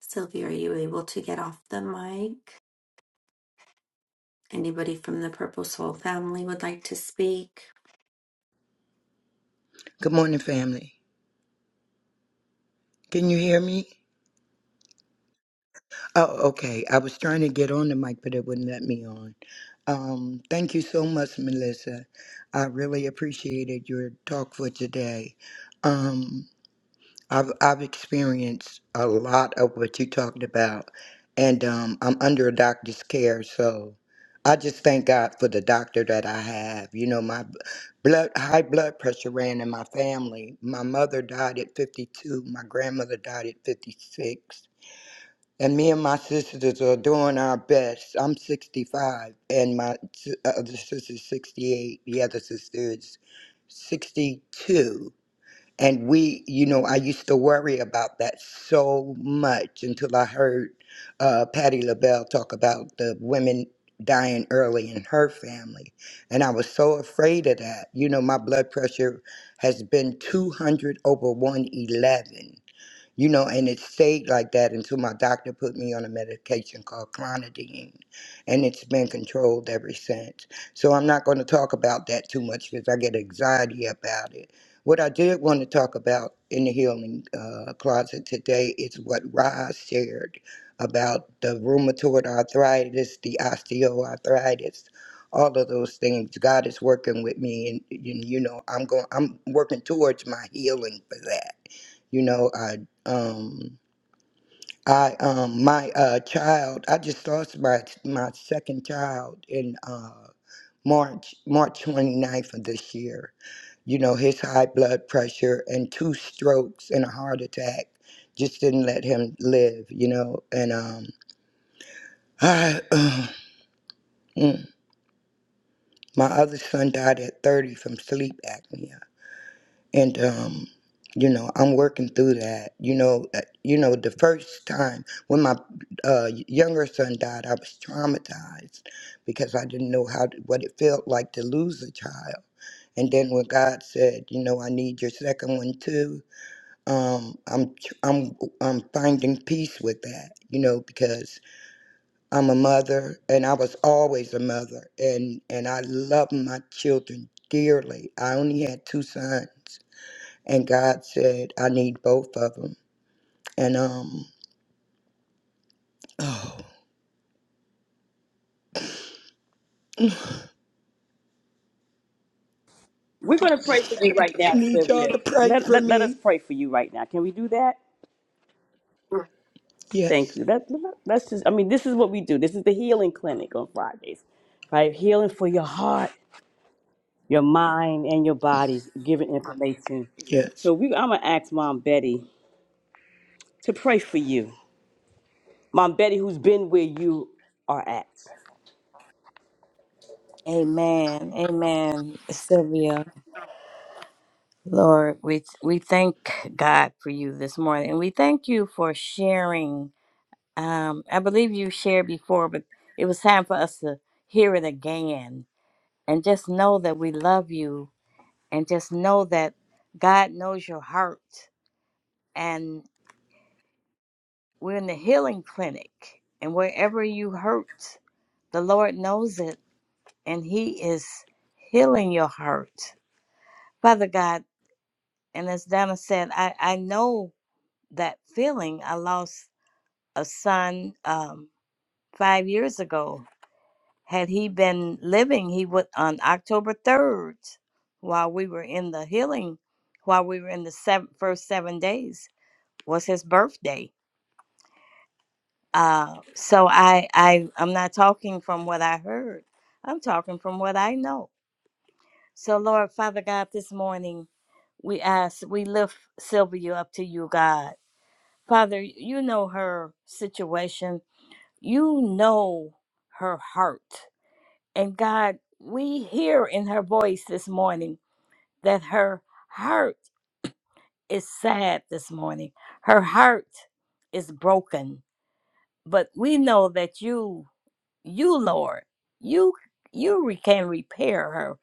Speaker 4: Sylvia, are you able to get off the mic? Anybody from the Purple Soul family would like to speak?
Speaker 7: Good morning, family. Can you hear me? Oh, okay. I was trying to get on the mic, but it wouldn't let me on. Um, thank you so much, Melissa. I really appreciated your talk for today. Um, I've I've experienced a lot of what you talked about, and um, I'm under a doctor's care, so I just thank God for the doctor that I have. You know, my b- blood high blood pressure ran in my family. My mother died at 52. My grandmother died at 56. And me and my sisters are doing our best. I'm 65, and my s- other sister's 68. The other sister is 62 and we, you know, I used to worry about that so much until I heard uh, Patty LaBelle talk about the women dying early in her family. And I was so afraid of that. You know, my blood pressure has been 200 over 111 you know, and it stayed like that until my doctor put me on a medication called clonidine, and it's been controlled ever since. So I'm not going to talk about that too much because I get anxiety about it. What I did want to talk about in the healing uh, closet today is what Roz shared about the rheumatoid arthritis, the osteoarthritis, all of those things. God is working with me, and, and you know, I'm going. I'm working towards my healing for that you know, I um I um my uh child I just lost my my second child in uh March March 29th of this year. You know, his high blood pressure and two strokes and a heart attack just didn't let him live, you know. And um *sighs* I *clears throat* mm, my other son died at 30 from sleep apnea. and um you know i'm working through that you know uh, you know the first time when my uh younger son died i was traumatized because i didn't know how to, what it felt like to lose a child and then when god said you know i need your second one too um i'm tr- i'm i'm finding peace with that you know because i'm a mother and i was always a mother and and i love my children dearly i only had two sons and God said, I need both of them. And um, oh,
Speaker 1: We're going to pray for you
Speaker 7: I
Speaker 1: right
Speaker 7: just
Speaker 1: now,
Speaker 7: need y'all
Speaker 1: Sylvia.
Speaker 7: to pray
Speaker 1: Let,
Speaker 7: for
Speaker 1: let, let us
Speaker 7: me.
Speaker 1: pray for you right now. Can we do that? Thank
Speaker 7: Yes,
Speaker 1: you. Let, let, let's just, I mean, this is what we do. This is the healing clinic on Fridays, right? Healing for your heart, your mind, and your bodies, giving information.
Speaker 7: yes.
Speaker 1: So we, I'm going to ask Mom Betty. to pray for you. Mom Betty, who's been where you are at.
Speaker 5: Amen. Amen. Sylvia, Lord, we, we thank God for you this morning. And we thank you for sharing. Um, I believe you shared before, but it was time for us to hear it again. And just know that we love you. And just know that God knows your heart. We're in the healing clinic, and wherever you hurt, the Lord knows it, and He is healing your hurt. Father God, and as Donna said, I, I know that feeling. I lost a son um, five years ago. Had he been living, he would, on October 3rd, while we were in the healing, while we were in the seven, first seven days, was his birthday Uh, so I, I, I'm not talking from what I heard. I'm talking from what I know. So Lord, Father God, this morning we ask, we lift Sylvia up to you, God. Father, you know her situation. You know her heart. And God, we hear in her voice this morning that her heart is sad this morning. Her heart is broken. But we know that you you lord you you re- can repair her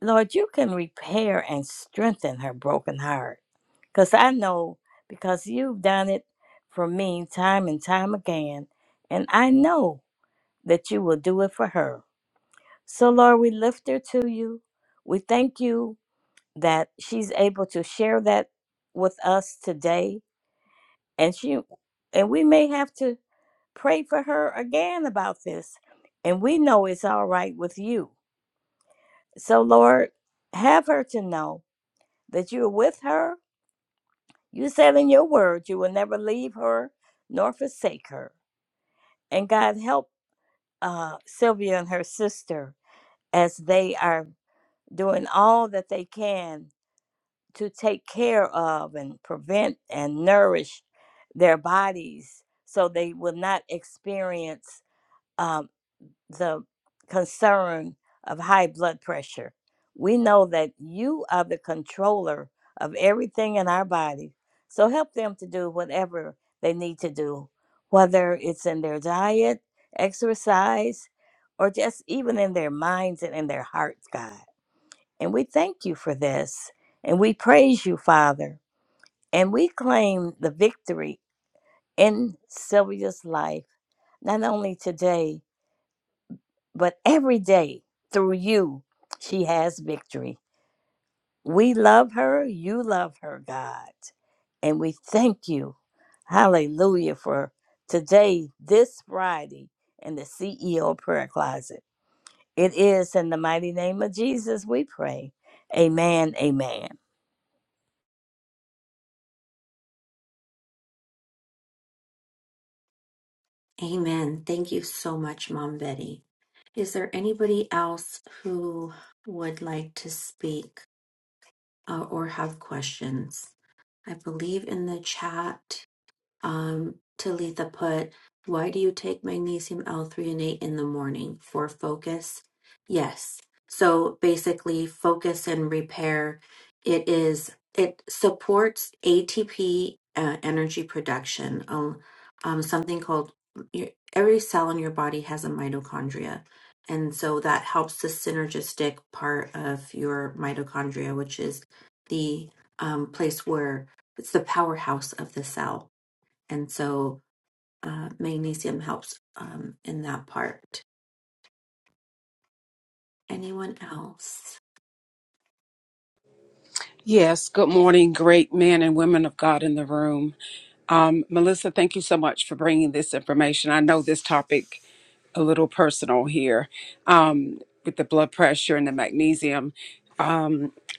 Speaker 5: lord you can repair and strengthen her broken heart because i know because you've done it for me time and time again and i know that you will do it for her so lord we lift her to you we thank you that she's able to share that with us today and she and we may have to pray for her again about this and we know it's all right with you So, Lord, have her to know that you are with her. You said in your word you will never leave her nor forsake her. And God, help uh, Sylvia and her sister as they are doing all that they can to take care of and prevent and nourish their bodies so they will not experience. uh, the concern of high blood pressure. We know that you are the controller of everything in our body. So help them to do whatever they need to do, whether it's in their diet, exercise, or just even in their minds and in their hearts, God. And we thank you for this. And we praise you, Father. And we claim the victory in Sylvia's life, not only today, but every day through you, she has victory. We love her. You love her, God. And we thank you. Hallelujah for today, this Friday, in the CEO prayer closet. It is in the mighty name of Jesus we pray. Amen. Amen.
Speaker 4: Amen. Thank you so much, Mom Betty. Is there anybody else who would like to speak uh, or have questions? I believe in the chat Um, Talitha put, Why do you take magnesium L3 and 8 in the morning? For focus? Yes. So basically, focus and repair, it is, it supports ATP uh, energy production, um, um, something called your, every cell in your body has a mitochondria. And so that helps the synergistic part of your mitochondria, which is the um, place where it's the powerhouse of the cell and so uh, magnesium helps um, in that part. Anyone else?
Speaker 8: Yes, good morning, great men and women of God in the room. Um, Melissa, thank you so much for bringing this information. I know this topic a little personal here um, with the blood pressure and the magnesium.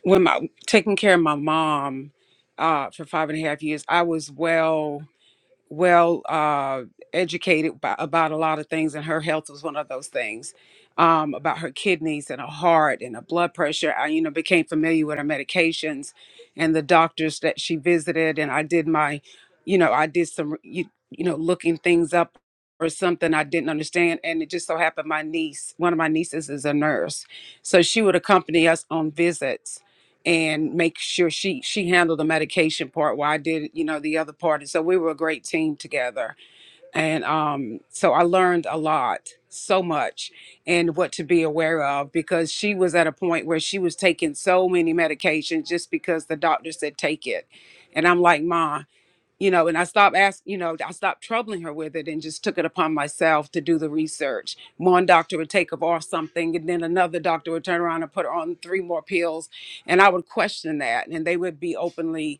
Speaker 8: When my taking care of my mom uh, for five and a half years, I was well well uh, educated by, about a lot of things, and her health was one of those things um, about her kidneys and her heart and her blood pressure. I, you know, became familiar with her medications and the doctors that she visited, and I did my, you know, I did some, you, you know, looking things up or something I didn't understand, and it just so happened my niece, one of my nieces, is a nurse, so she would accompany us on visits and make sure she she handled the medication part while I did you know the other part and so we were a great team together and um so I learned a lot so much and what to be aware of because she was at a point where she was taking so many medications just because the doctor said take it and I'm like ma you know, and I stopped asking, you know, I stopped troubling her with it and just took it upon myself to do the research. One doctor would take her off something, and then another doctor would turn around and put her on three more pills. And I would question that, and they would be openly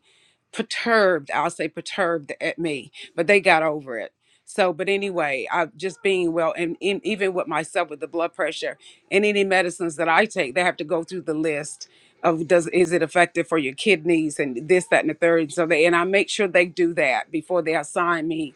Speaker 8: perturbed. I'll say perturbed at me, but they got over it. So, but anyway, I just being well, and in, even with myself with the blood pressure and any medicines that I take, they have to go through the list of does is it effective for your kidneys and this that and the third so they and i make sure they do that before they assign me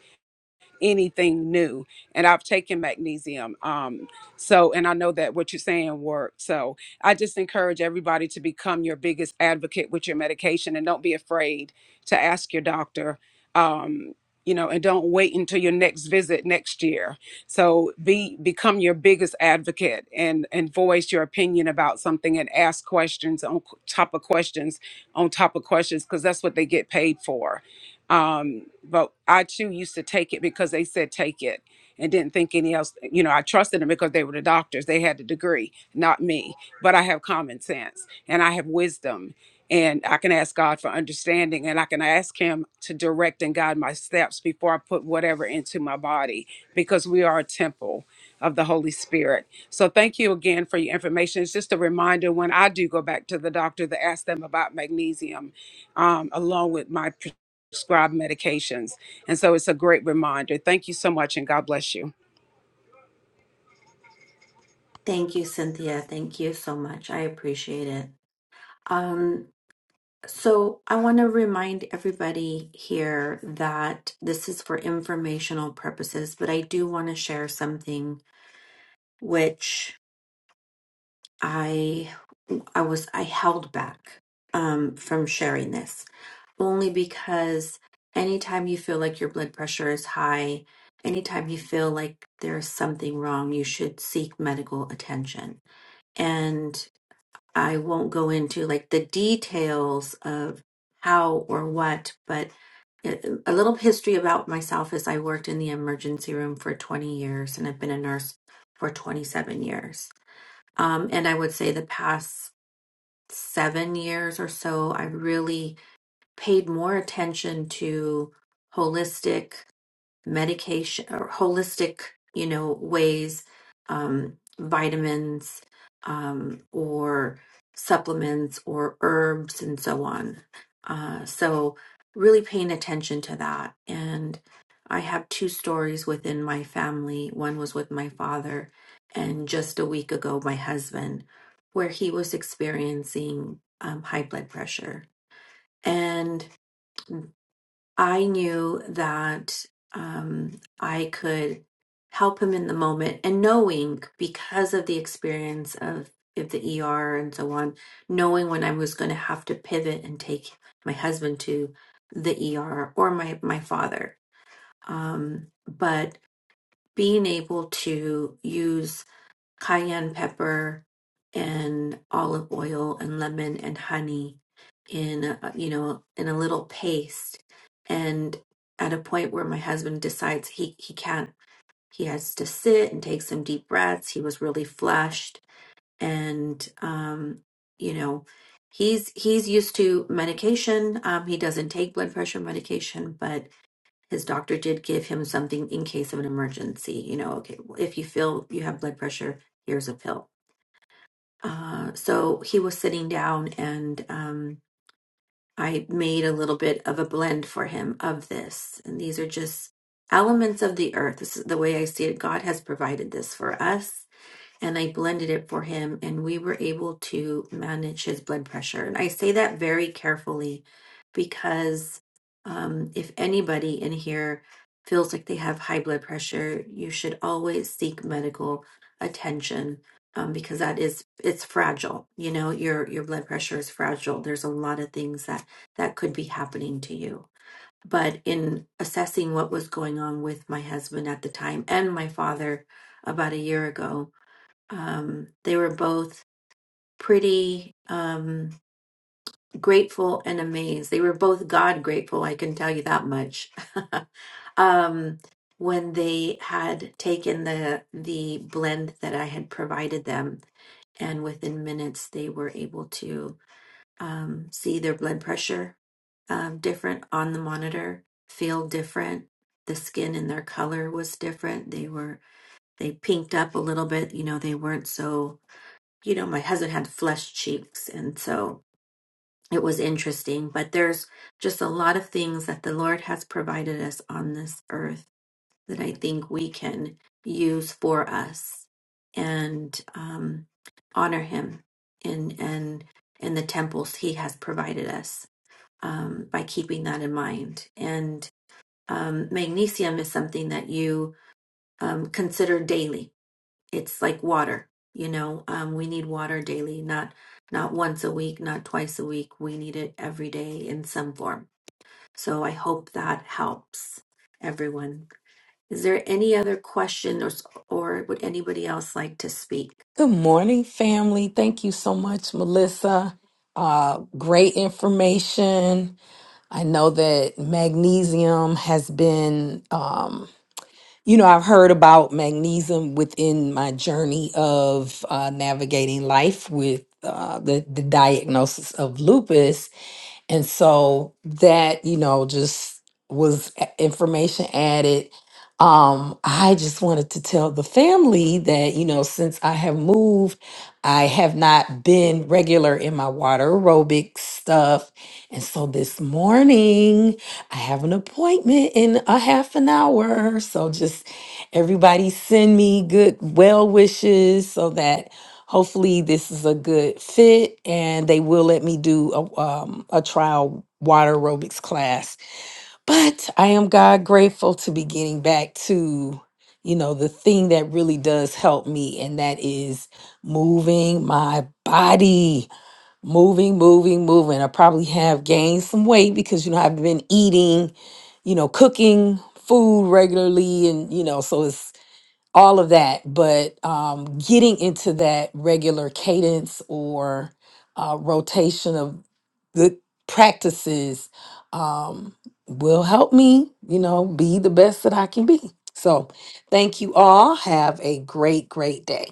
Speaker 8: anything new. And I've taken magnesium. Um, so, and I know that what you're saying works. So I just encourage everybody to become your biggest advocate with your medication and don't be afraid to ask your doctor. Um, you know, and don't wait until your next visit next year. So be become your biggest advocate and and voice your opinion about something and ask questions on top of questions on top of questions because that's what they get paid for um but i too used to take it because they said take it and didn't think any else you know i trusted them because they were the doctors they had the degree not me but i have common sense and i have wisdom and i can ask god for understanding and i can ask him to direct and guide my steps before i put whatever into my body because we are a temple of the holy spirit so thank you again for your information it's just a reminder when i do go back to the doctor to ask them about magnesium um, along with my prescribed medications. And so it's a great reminder. Thank you so much, and God bless you.
Speaker 4: Thank you, Cynthia. Thank you so much. I appreciate it. Um, so I want to remind everybody here that this is for informational purposes, but I do want to share something which I I was I held back um, from sharing this only because anytime you feel like your blood pressure is high, anytime you feel like there's something wrong, you should seek medical attention. And I won't go into like the details of how or what, but a a little history about myself is I worked in the emergency room for 20 years and I've been a nurse for 27 years. Um, and I would say the past seven years or so, I really paid more attention to holistic medication or holistic, you know, ways, um, vitamins, um, or supplements or herbs and so on. Uh, so really paying attention to that. And I have two stories within my family. One was with my father, and just a week ago, my husband, where he was experiencing um, high blood pressure. and. I knew that um, I could help him in the moment, and knowing because of the experience of of the ER and so on, knowing when I was going to have to pivot and take my husband to the ER or my my father, um, but being able to use cayenne pepper and olive oil and lemon and honey in a, uh, you know in a little paste and at a point where my husband decides he he can't he has to sit and take some deep breaths he was really flushed and um you know he's he's used to medication um he doesn't take blood pressure medication but his doctor did give him something in case of an emergency you know okay if you feel you have blood pressure here's a pill uh, so he was sitting down, and um, I made a little bit of a blend for him of this. And these are just elements of the earth. This is the way I see it. God has provided this for us and I blended it for him, and we were able to manage his blood pressure. And I say that very carefully because um, if anybody in here feels like they have high blood pressure, you should always seek medical attention um, because that is it's fragile. You know, your your blood pressure is fragile. There's a lot of things that that could be happening to you. But in assessing what was going on with my husband at the time and my father about a year ago, um, they were both pretty um, grateful and amazed. They were both God grateful, I can tell you that much. *laughs* um, when they had taken the the blend that I had provided them, and within minutes they were able to um, see their blood pressure um, different on the monitor, feel different. The skin and their color was different. They were they pinked up a little bit. You know, they weren't so you know, my husband had flushed cheeks. And so it was interesting. But there's just a lot of things that the Lord has provided us on this earth that I think we can use for us and um, honor Him in, and in the temples He has provided us um, by keeping that in mind. And um, magnesium is something that you um, consider daily it's like water you know um, we need water daily not not once a week not twice a week we need it every day in some form so i hope that helps everyone is there any other question or or would anybody else like to speak
Speaker 2: Good morning, family. Thank you so much, Melissa. Uh, great information. I know that magnesium has been, um, you know, I've heard about magnesium within my journey of uh, navigating life with uh, the, the diagnosis of lupus. And so that, you know, just was a- information added. Um, I just wanted to tell the family that, you know, since I have moved, I have not been regular in my water aerobic stuff. And so this morning, I have an appointment in a half an hour. So just everybody send me good well wishes so that hopefully this is a good fit and they will let me do a, um, a trial water aerobics class but i am god grateful to be getting back to you know the thing that really does help me and that is moving my body moving moving moving i probably have gained some weight because you know i've been eating you know cooking food regularly and you know so it's all of that but um, getting into that regular cadence or uh, rotation of good practices um, will help me you know be the best that i can be so thank you all have a great great day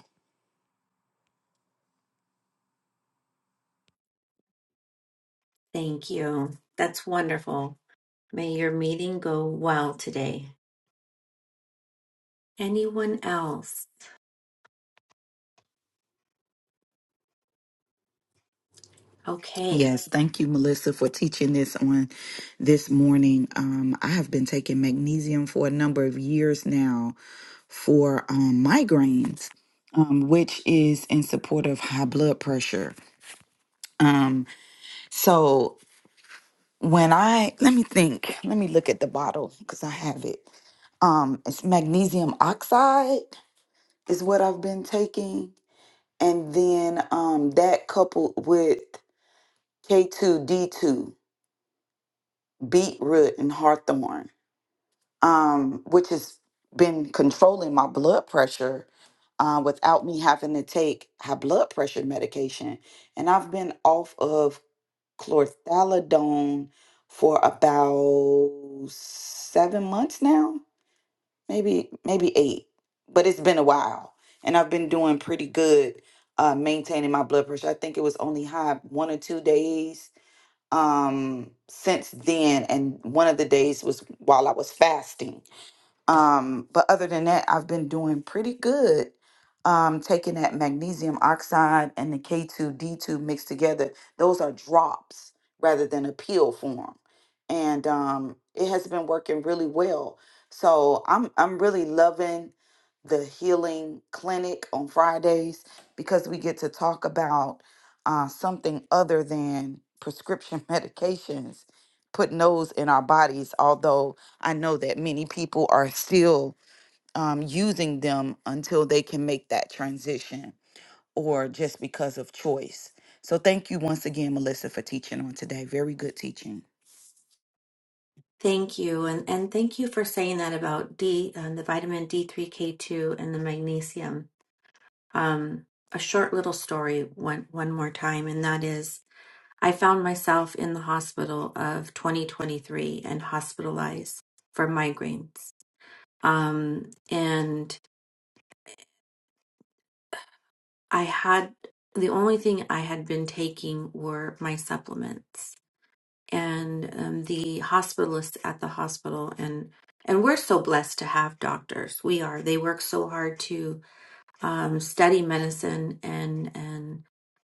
Speaker 4: thank you that's wonderful may your meeting go well today anyone else okay
Speaker 9: Yes, thank you, Melissa, for teaching this on this morning. Um, I have been taking magnesium for a number of years now for um, migraines, um, which is in support of high blood pressure. Um, so when I let me think, let me look at the bottle because I have it. Um, it's magnesium oxide is what I've been taking, and then um, that coupled with K two D two beetroot and hawthorn, um, which has been controlling my blood pressure uh, without me having to take high blood pressure medication. And I've been off of chlorthalidone for about seven months now, maybe maybe eight, but it's been a while. And I've been doing pretty good uh, maintaining my blood pressure. I think it was only high one or two days um since then and one of the days was while I was fasting um, but other than that, I've been doing pretty good. Um, taking that magnesium oxide and the K2D2 mixed together, those are drops rather than a pill form. And um, it has been working really well. So I'm I'm really loving the healing clinic on Fridays because we get to talk about uh, something other than prescription *laughs* medications, putting those in our bodies, although I know that many people are still um, using them until they can make that transition or just because of choice. So thank you once again, Melissa, for teaching on today. Very good teaching.
Speaker 4: Thank you, and and thank you for saying that about D, um, the vitamin D3K2 and the magnesium. um, a short little story one, one more time, and that is I found myself in the hospital of 2023 and hospitalized for migraines. Um, and I had the only thing I had been taking were my supplements. And um, the hospitalists at the hospital, and and we're so blessed to have doctors. We are. They work so hard to um, study medicine and and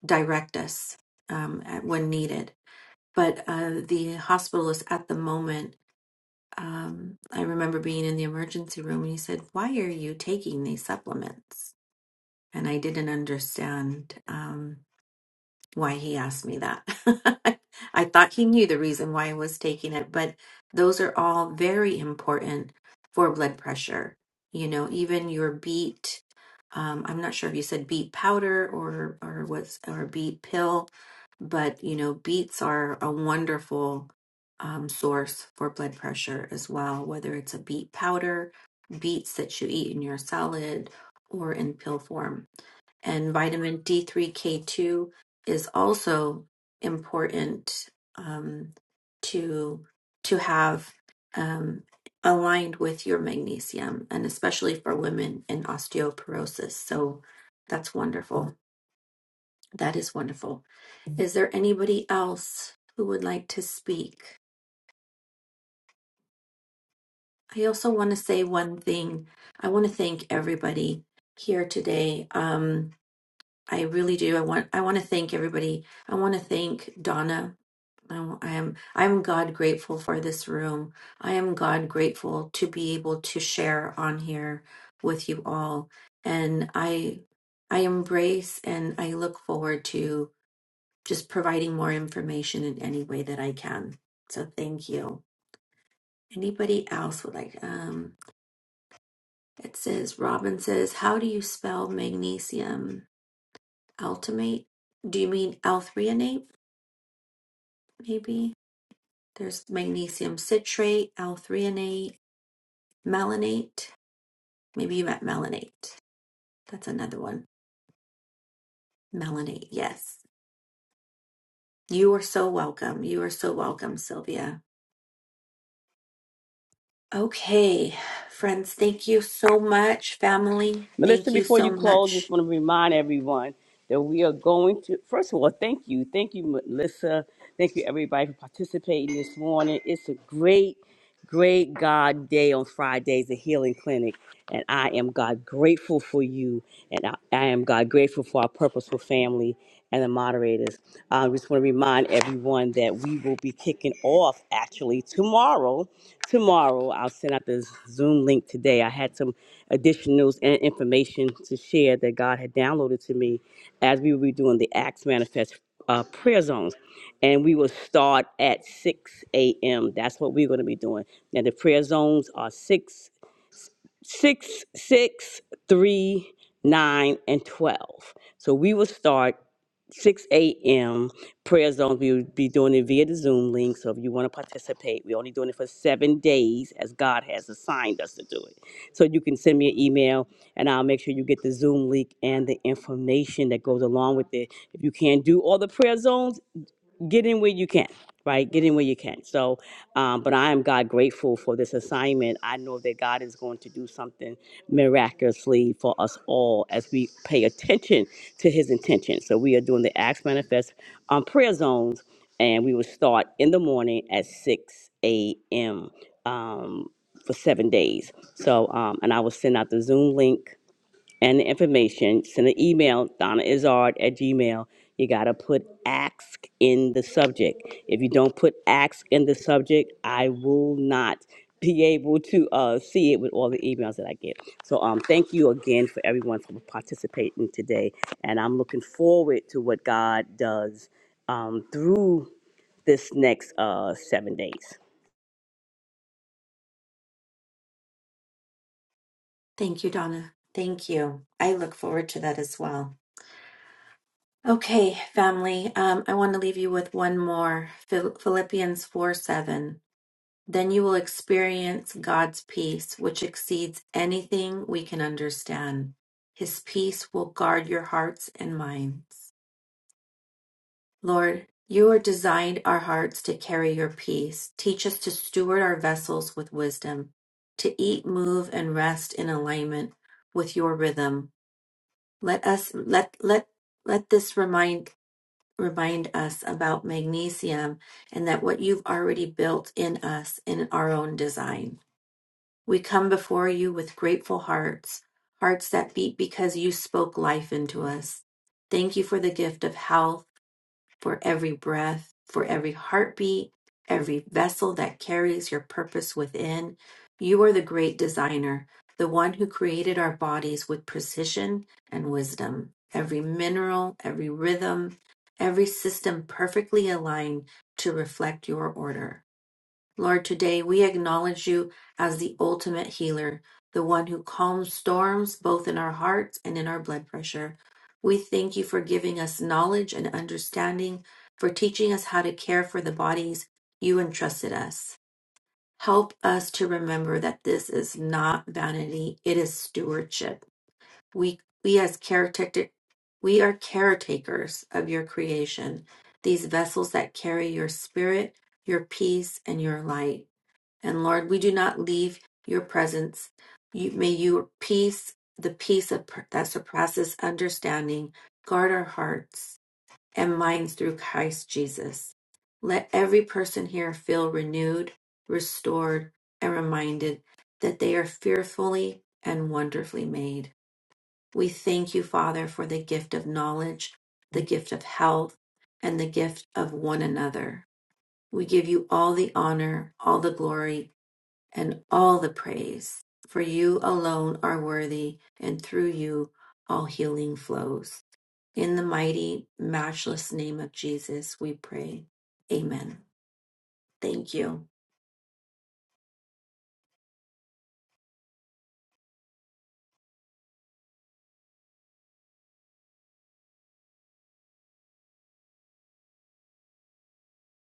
Speaker 4: direct us um, at, when needed. But uh, the hospitalist at the moment, um, I remember being in the emergency room, and he said, "Why are you taking these supplements?" And I didn't understand. Um, why he asked me that. *laughs* I thought he knew the reason why I was taking it, but those are all very important for blood pressure. You know, even your beet, um, I'm not sure if you said beet powder or or what's or beet pill, but you know, beets are a wonderful um, source for blood pressure as well, whether it's a beet powder, beets that you eat in your salad, or in pill form and vitamin D3K2 is also important um, to to have um, aligned with your magnesium, and especially for women in osteoporosis. So that's wonderful. That is wonderful. Is there anybody else who would like to speak? I also want to say one thing. I want to thank everybody here today. Um, I really do. I want I want to thank everybody. I want to thank Donna. I, w- I am I am God grateful for this room. I am God grateful to be able to share on here with you all, and I I embrace and I look forward to just providing more information in any way that I can. So thank you. Anybody else would like? Um, it says Robin says, "How do you spell magnesium ultimate? Do you mean L threonate?" maybe. There's magnesium citrate, L-threonate, melanate. Maybe you meant melanate. That's another one. Melanate, yes. You are so welcome. You are so welcome, Sylvia. Okay, friends, thank you so much. Family,
Speaker 1: Melissa,
Speaker 4: thank you
Speaker 1: before you
Speaker 4: so
Speaker 1: close,
Speaker 4: much.
Speaker 1: just want to remind everyone that we are going to, first of all, thank you. Thank you, Melissa. Thank you, everybody, for participating this morning. It's a great, great God day on Fridays, the Healing Clinic. And I am God grateful for you. And I, I am God grateful for our purposeful family. and the moderators. Uh, I just want to remind everyone that we will be kicking off actually tomorrow. Tomorrow, I'll send out the Zoom link today. I had some additionals and information to share that God had downloaded to me as we will be doing the Acts Manifest uh, prayer zones. And we will start at 6 a.m. That's what we're going to be doing. Now, the prayer zones are 6 six, six, three, nine, and twelve. So we will start six a.m. prayer zones. We will be doing it via the Zoom link. So if you want to participate, we're only doing it for seven days, as God has assigned us to do it. So you can send me an email, and I'll make sure you get the Zoom link and the information that goes along with it. If you can't do all the prayer zones, get in where you can right get in where you can so um, but i am god grateful for this assignment i know that god is going to do something miraculously for us all as we pay attention to his intention so we are doing the acts manifest on prayer zones and we will start in the morning at 6 a.m um, for seven days so um, and i will send out the zoom link and the information, send an email, Donna Izard at Gmail. You gotta put ask in the subject. If you don't put ask in the subject, I will not be able to uh, see it with all the emails that I get. So um, thank you again for everyone for participating today, and I'm looking forward to what God does um, through this next uh, seven days.
Speaker 4: Thank you, Donna. Thank you. I look forward to that as well. Okay, family, um, I want to leave you with one more Phil- Philippians 4 7. Then you will experience God's peace, which exceeds anything we can understand. His peace will guard your hearts and minds. Lord, you are designed our hearts to carry your peace. Teach us to steward our vessels with wisdom, to eat, move, and rest in alignment with your rhythm. Let us let let let this remind remind us about magnesium and that what you've already built in us in our own design. We come before you with grateful hearts, hearts that beat because you spoke life into us. Thank you for the gift of health, for every breath, for every heartbeat, every vessel that carries your purpose within. You are the great designer, the one who created our bodies with precision and wisdom. Every mineral, every rhythm, every system perfectly aligned to reflect your order. Lord, today we acknowledge you as the ultimate healer, the one who calms storms both in our hearts and in our blood pressure. We thank you for giving us knowledge and understanding, for teaching us how to care for the bodies you entrusted us. Help us to remember that this is not vanity, it is stewardship. We we as caretaker we are caretakers of your creation, these vessels that carry your spirit, your peace, and your light. And Lord, we do not leave your presence. You, may your peace, the peace of, that surpasses understanding, guard our hearts and minds through Christ Jesus. Let every person here feel renewed, restored, and reminded that they are fearfully and wonderfully made. We thank you, Father, for the gift of knowledge, the gift of health, and the gift of one another. We give you all the honor, all the glory, and all the praise. For you alone are worthy, and through you all healing flows. In the mighty, matchless name of Jesus, we pray. Amen. Thank you.